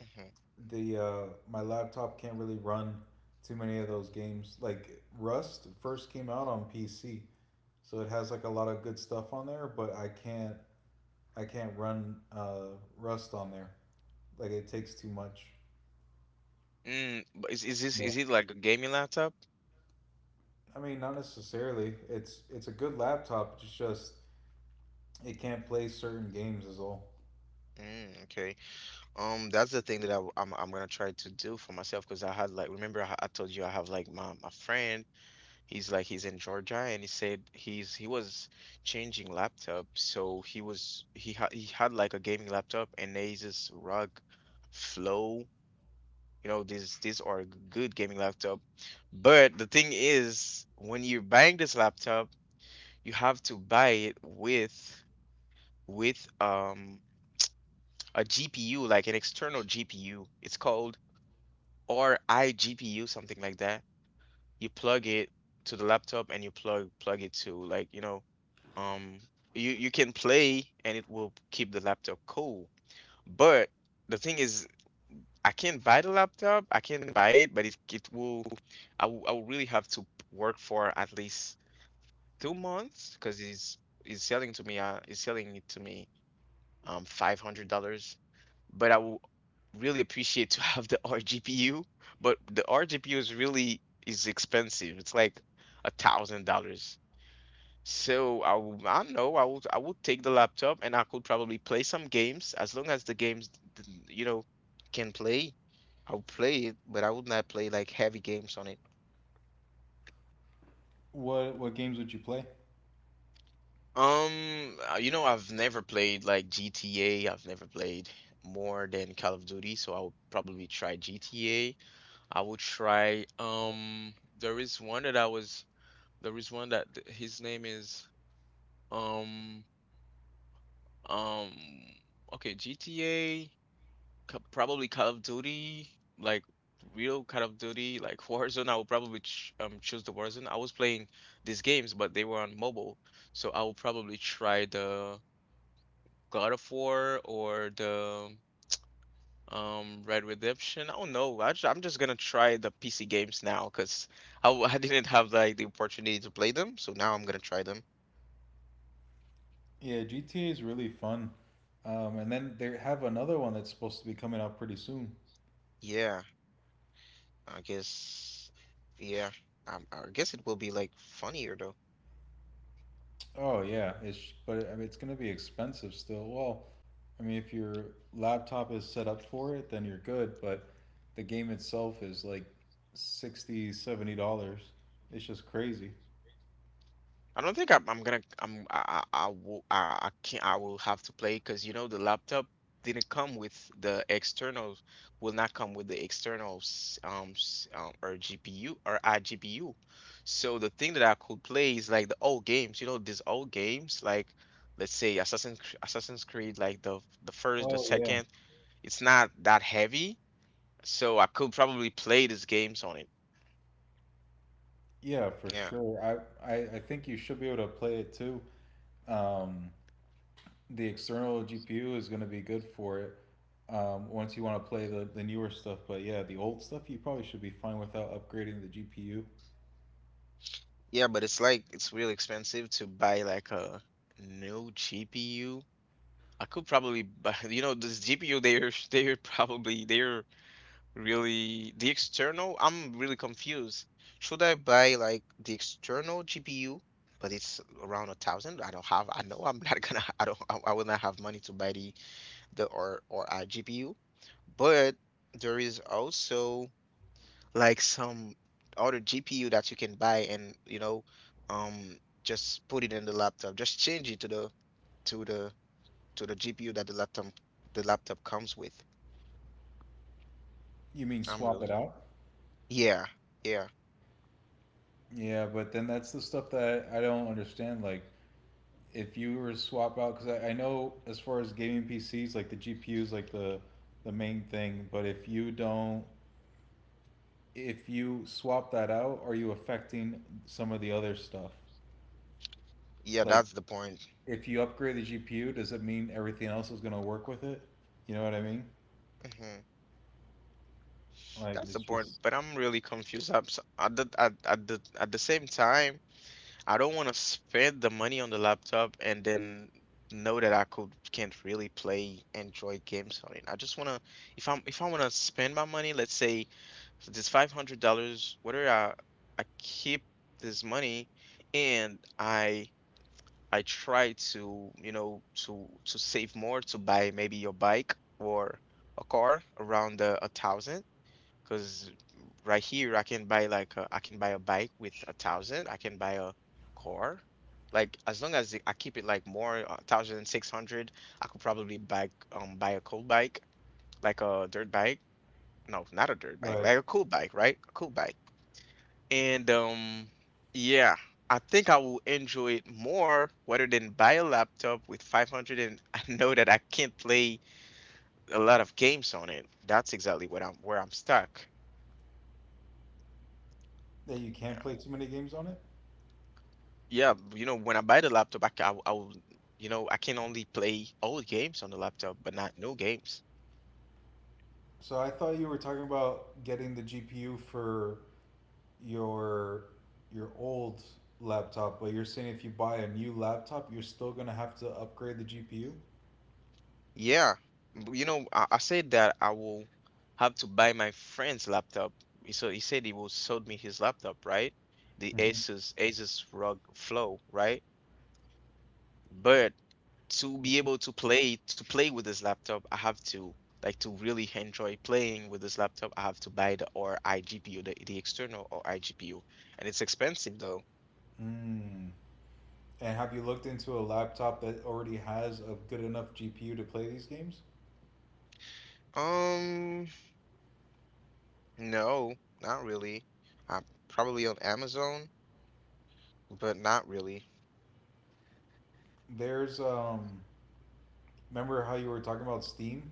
[SPEAKER 1] Mhm.
[SPEAKER 2] the my laptop can't really run too many of those games. Like Rust first came out on PC, so it has like a lot of good stuff on there, but I can't run Rust on there. Like it takes too much.
[SPEAKER 1] Mm, but is this,
[SPEAKER 2] Yeah.
[SPEAKER 1] is it like a gaming laptop?
[SPEAKER 2] I mean, not necessarily. It's a good laptop. It's just it can't play certain games is all.
[SPEAKER 1] Mm, okay. That's the thing that I'm gonna try to do for myself, because I had like, remember I told you I have like my friend, he's in Georgia, and he said he was changing laptop, so he had like a gaming laptop, and Asus ROG Flow, you know these are good gaming laptop. But the thing is, when you're buying this laptop, you have to buy it with, with um a GPU, like an external GPU it's called, or iGPU, something like that. You plug it to the laptop, and you plug it to, like, you know, um you, you can play and it will keep the laptop cool. But the thing is, I can't buy the laptop. I can not buy it, but it will, I will, I will really have to work for at least 2 months, because he's selling to me, he's selling it to me, $500. But I will really appreciate to have the RGPU. But the RGPU is really, is expensive. It's like $1,000. So I will, I don't know, I would, I would take the laptop and I could probably play some games, as long as the games, you know, can play. I'll play it, but I would not play like heavy games on it.
[SPEAKER 2] What games would you play?
[SPEAKER 1] You know, I've never played like GTA. I've never played more than Call of Duty, so I'll probably try GTA. I will try. There is one that I was. There is one that his name is. Um, um. Okay, GTA. Probably Call of Duty. Like real Call of Duty. Like Warzone. I would probably ch choose the Warzone. I was playing these games, but they were on mobile, so I will probably try the God of War or the Red Redemption. I don't know. I'm just gonna try the PC games now because I didn't have like the opportunity to play them, so now I'm gonna try them.
[SPEAKER 2] Yeah, GTA is really fun. And then they have another one that's supposed to be coming out pretty soon.
[SPEAKER 1] Yeah, I guess. Yeah, I guess it will be like funnier though.
[SPEAKER 2] Oh yeah, it's, but it, I mean, it's going to be expensive still. Well, I mean, if your laptop is set up for it, then you're good, but the game itself is like 60, $70. It's just crazy.
[SPEAKER 1] I don't think I'm gonna I'm I will I can't I will have to play because you know the laptop didn't come with the external will not come with the external s- s- or GPU or iGPU. So the thing that I could play is like the old games, you know, these old games like let's say Assassin's Creed like the first, the
[SPEAKER 2] Oh yeah.
[SPEAKER 1] second, it's not that heavy, so I could probably play these games on it.
[SPEAKER 2] Yeah, for
[SPEAKER 1] Yeah.
[SPEAKER 2] sure. I think you should be able to play it too. Um, the external GPU is going to be good for it. Once you want to play the newer stuff, but yeah, the old stuff you probably should be fine without upgrading the GPU.
[SPEAKER 1] Yeah, but it's like it's really expensive to buy like a new GPU. I could probably buy, you know, this GPU they're probably they're really the external. I'm really confused. Should I buy like the external GPU, but it's around a thousand? I'm not gonna. I don't. I will not have money to buy the or I GPU. But there is also like some other GPU that you can buy, and you know, um just put it in the laptop, just change it to the to the GPU that the laptop comes with.
[SPEAKER 2] You mean
[SPEAKER 1] I'm
[SPEAKER 2] swap
[SPEAKER 1] really
[SPEAKER 2] it out?
[SPEAKER 1] Yeah. Yeah.
[SPEAKER 2] Yeah, but then that's the stuff that I don't understand. Like, if you were to swap out, because I know as far as gaming PCs, like the GPUs, like the main thing. But if you don't, if you swap that out, are you affecting some of the other stuff?
[SPEAKER 1] Yeah,
[SPEAKER 2] Like,
[SPEAKER 1] that's the point.
[SPEAKER 2] if you upgrade the GPU, does it mean everything else is going to work with it? You know what I mean?
[SPEAKER 1] hmm
[SPEAKER 2] Like,
[SPEAKER 1] that's the
[SPEAKER 2] it's
[SPEAKER 1] point,
[SPEAKER 2] just
[SPEAKER 1] but I'm really confused. At the at the same time, I don't want to spend the money on the laptop and then know that I could can't really play enjoy games on it. I just want to, if I'm if I want to spend my money, let's say this $500, whether I keep this money and I try to, you know, to save more to buy maybe your bike or a car around a thousand. 'Cause right here I can buy like I can buy a bike with a thousand. I can buy a car. Like as long as I keep it like more a thousand six hundred, I could probably buy a cool bike, like a dirt bike. No, not a dirt bike,
[SPEAKER 2] right
[SPEAKER 1] like a cool bike, right? A cool bike. And Yeah, I think I will enjoy it more rather than buy a laptop with 500, and I know that I can't play a lot of games on it. That's exactly what I'm where I'm stuck.
[SPEAKER 2] that you
[SPEAKER 1] Yeah.
[SPEAKER 2] can't play too many games on it.
[SPEAKER 1] Yeah, you know, when I buy the laptop, I will, you know, I can only play old games on the laptop, but not new games.
[SPEAKER 2] So I thought you were talking about getting the GPU for your your old laptop, but you're saying if you buy a new laptop, you're still gonna have to upgrade the GPU?
[SPEAKER 1] Yeah, you know, I said that I will have to buy my friend's laptop. So he said he will sold me his laptop, right? The
[SPEAKER 2] Mhm.
[SPEAKER 1] Asus ROG Flow, right? But to be able to play with this laptop, I have to, like, to really enjoy playing with this laptop. I have to buy the or iGPU, the external or iGPU, and it's expensive though.
[SPEAKER 2] Mm. And have you looked into a laptop that already has a good enough GPU to play these games?
[SPEAKER 1] Um, no, not really. I'm probably on Amazon, but not really.
[SPEAKER 2] There's remember how you were talking about Steam?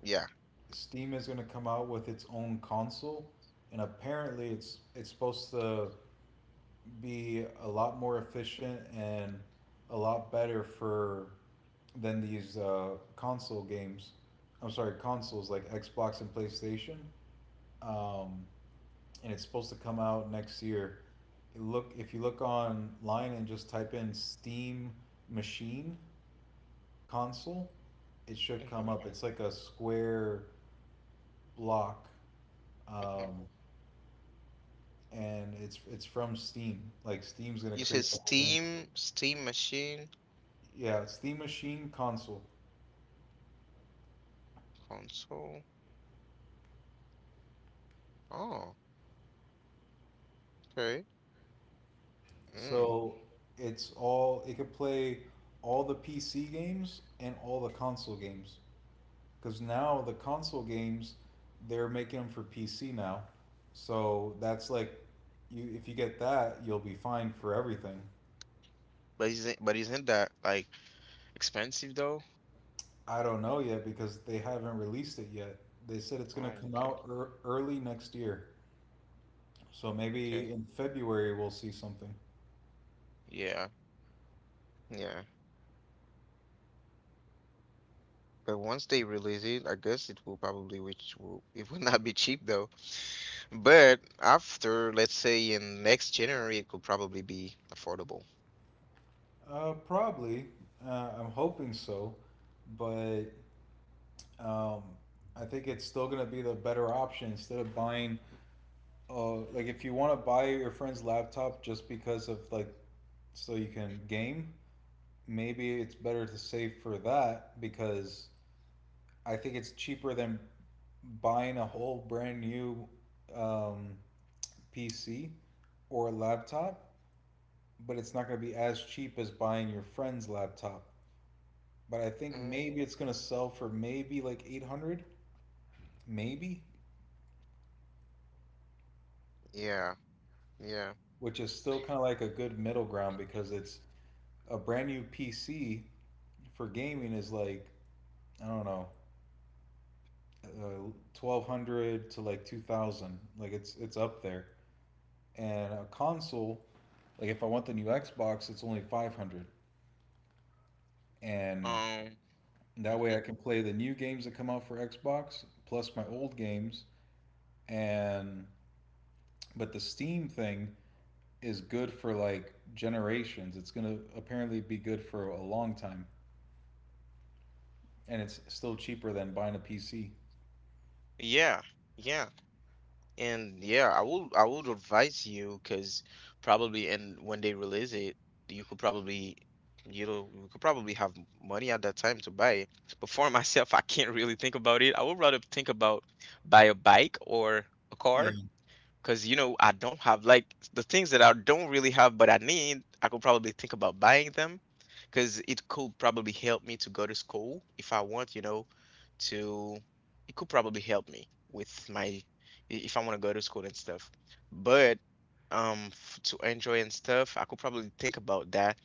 [SPEAKER 1] Yeah.
[SPEAKER 2] Steam is going to come out with its own console, and apparently it's supposed to be a lot more efficient and a lot better for than these console games. I'm sorry, consoles like Xbox and PlayStation. Um, and it's supposed to come out next year. Look, if you look online and just type in Steam machine console, it should come
[SPEAKER 1] hmm
[SPEAKER 2] up. It's like a square block,
[SPEAKER 1] hmm
[SPEAKER 2] um, and it's from Steam. Like Steam's gonna
[SPEAKER 1] You said
[SPEAKER 2] create the whole thing.
[SPEAKER 1] Steam, Steam machine,
[SPEAKER 2] Yeah, Steam machine console.
[SPEAKER 1] console. Oh, okay. Mm.
[SPEAKER 2] So it's all it could play all the PC games and all the console games. Because now the console games, they're making them for PC now. So that's like, you if you get that, you'll be fine for everything.
[SPEAKER 1] But isn't that like expensive though?
[SPEAKER 2] I don't know yet because they haven't released it yet. They said it's gonna
[SPEAKER 1] Oh,
[SPEAKER 2] come
[SPEAKER 1] okay,
[SPEAKER 2] out ear early next year. So maybe
[SPEAKER 1] okay.
[SPEAKER 2] in February we'll see something.
[SPEAKER 1] Yeah, yeah. But once they release it, I guess it will probably, which will it will not be cheap though. But after, let's say, in next January, it could probably be affordable.
[SPEAKER 2] Probably. I'm hoping so, but um, I think it's still gonna be the better option instead of buying. Like if you want to buy your friend's laptop just because of like so you can game, maybe it's better to save for that because I think it's cheaper than buying a whole brand new um, PC or laptop, but it's not going to be as cheap as buying your friend's laptop. But I think
[SPEAKER 1] Mm.
[SPEAKER 2] maybe it's going to sell for maybe like 800, maybe.
[SPEAKER 1] Yeah, yeah.
[SPEAKER 2] Which is still kind of like a good middle ground because it's a brand new PC for gaming is like I don't know, uh, 1,200 to like 2,000, like it's up there. And a console, like if I want the new Xbox, it's only 500, and
[SPEAKER 1] Um,
[SPEAKER 2] that way I
[SPEAKER 1] mhm.
[SPEAKER 2] can play the new games that come out for Xbox plus my old games. And but the Steam thing is good for like generations. It's gonna apparently be good for a long time. And it's still cheaper than buying a PC.
[SPEAKER 1] Yeah, yeah. And yeah, I would, I would advise you because probably, and when they release it, you could probably, you know, you could probably have money at that time to buy it. But for myself, I can't really think about it. I would rather think about buy a bike or a
[SPEAKER 2] Yeah.
[SPEAKER 1] car. Because, you know, I don't have like the things that I don't really have, but I need, I could probably think about buying them because it could probably help me to go to school if I want, you know, to, it could probably help me with my, if I want to go to school and stuff. But f to enjoy and stuff, I could probably think about that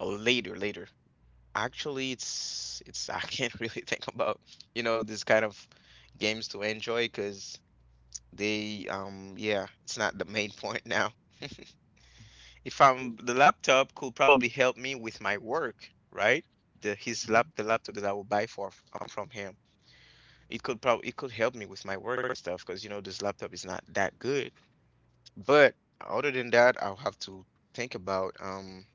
[SPEAKER 1] later, later. Actually, it's, I can't really think about, you know, this kind of games to enjoy because. They, yeah, it's not the main point now. If I'm The laptop could probably help me with my work, right? The laptop that I will buy for from him. It could help me with my work stuff because you know this laptop is not that good. But other than that, I'll have to think about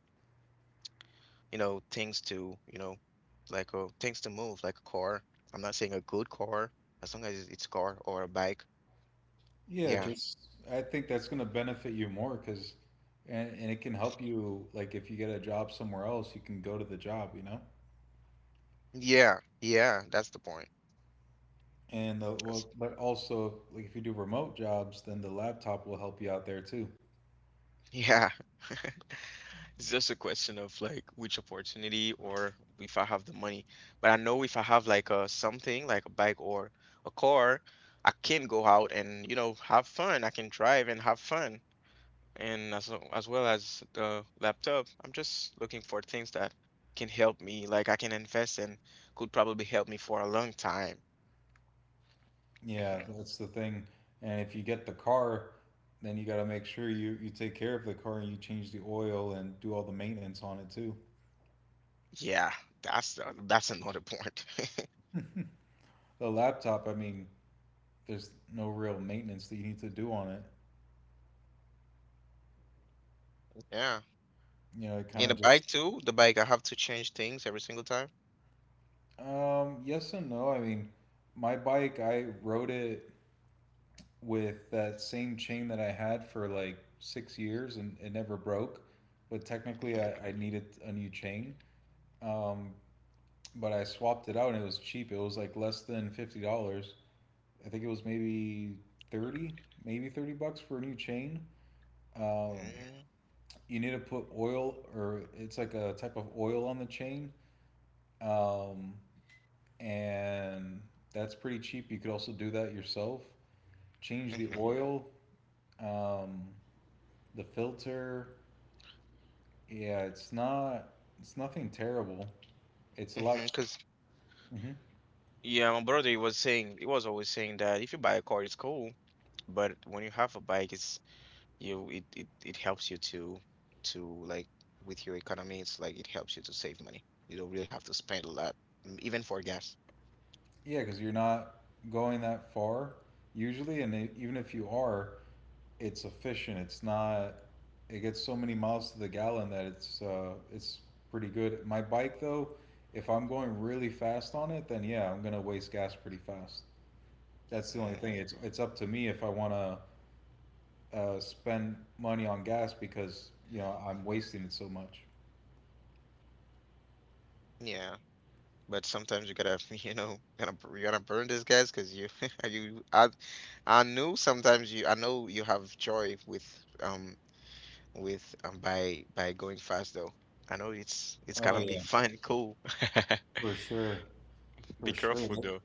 [SPEAKER 1] you know, things to, you know, like things to move, like a car. I'm not saying a good car, as long as it's car or a bike.
[SPEAKER 2] Yeah,
[SPEAKER 1] Yeah.
[SPEAKER 2] just I think that's going to benefit you more because, and it can help you like if you get a job somewhere else, you can go to the job, you know.
[SPEAKER 1] Yeah. Yeah, that's the point.
[SPEAKER 2] And the,
[SPEAKER 1] That's
[SPEAKER 2] well, but also like if you do remote jobs, then the laptop will help you out there too.
[SPEAKER 1] yeah. It's just a question of like which opportunity, or if I have the money. But I know if I have like a something like a bike or a car, I can go out and, you know, have fun. I can drive and have fun. And as as well as the laptop, I'm just looking for things that can help me, like I can invest and could probably help me for a long time.
[SPEAKER 2] Yeah,
[SPEAKER 1] Mhm.
[SPEAKER 2] that's the thing. And if you get the car, then you got to make sure you take care of the car and you change the oil and do all the maintenance on it too.
[SPEAKER 1] Yeah, that's that's another point.
[SPEAKER 2] The laptop, I mean, there's no real maintenance that you need to do on it.
[SPEAKER 1] Yeah.
[SPEAKER 2] You know, it kind
[SPEAKER 1] And
[SPEAKER 2] of
[SPEAKER 1] the
[SPEAKER 2] just
[SPEAKER 1] bike too, the bike I have to change things every single time.
[SPEAKER 2] yes and no. I mean, my bike I rode it with that same chain that I had for like 6 years and it never broke, but technically I needed a new chain. Um but I swapped it out and it was cheap. It was like less than $50. I think it was maybe 30, maybe $30 for a new chain. Um
[SPEAKER 1] Mhm.
[SPEAKER 2] you need to put oil or it's like a type of oil on the chain, um, and that's pretty cheap. You could also do that yourself. Change the
[SPEAKER 1] Mm-hmm.
[SPEAKER 2] oil, um, the filter. Yeah, it's not. It's nothing terrible. It's a lot.
[SPEAKER 1] Mm-hmm. Because
[SPEAKER 2] Mhm.
[SPEAKER 1] yeah, my brother, he was always saying that if you buy a car, it's cool, but when you have a bike, it's, you it helps you to, like, with your economy. It's like it helps you to save money. You don't really have to spend a lot, even for gas.
[SPEAKER 2] Yeah, because you're not going that far usually, and it, even if you are, it's efficient. It's not. It gets so many miles to the gallon that it's pretty good. My bike though, if I'm going really fast on it, then yeah, I'm gonna waste gas pretty fast. That's the only thing.
[SPEAKER 1] Mm,
[SPEAKER 2] It's up to me if I want to spend money on gas because you know I'm wasting it so much.
[SPEAKER 1] yeah, but sometimes you gotta you know gonna you gotta burn these guys because you you I know sometimes you I know you have joy with um by going fast though. I know it's
[SPEAKER 2] Oh
[SPEAKER 1] gonna be
[SPEAKER 2] yeah,
[SPEAKER 1] fun, cool.
[SPEAKER 2] for sure,
[SPEAKER 1] Be
[SPEAKER 2] for sure.
[SPEAKER 1] careful though.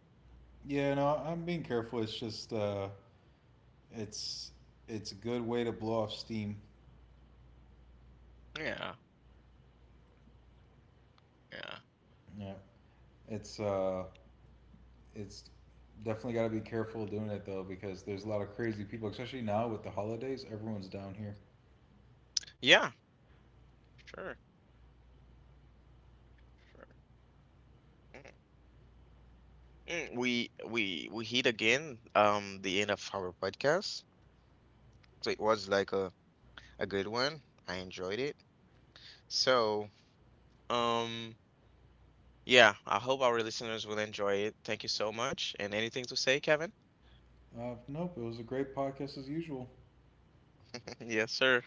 [SPEAKER 2] Yeah, no, I'm being careful. It's just it's it's a good way to blow off steam.
[SPEAKER 1] Yeah, yeah,
[SPEAKER 2] Yeah, it's uh, it's definitely got to be careful doing it though because there's a lot of crazy people, especially now with the holidays. Everyone's down here.
[SPEAKER 1] yeah. Sure, sure. Mm. Mm, we we hit again the end of our podcast. So it was like a good one. I enjoyed it. So um yeah, I hope our listeners will enjoy it. Thank you so much. And anything to say, Kevin?
[SPEAKER 2] Nope, it was a great podcast as usual.
[SPEAKER 1] Yes, sir.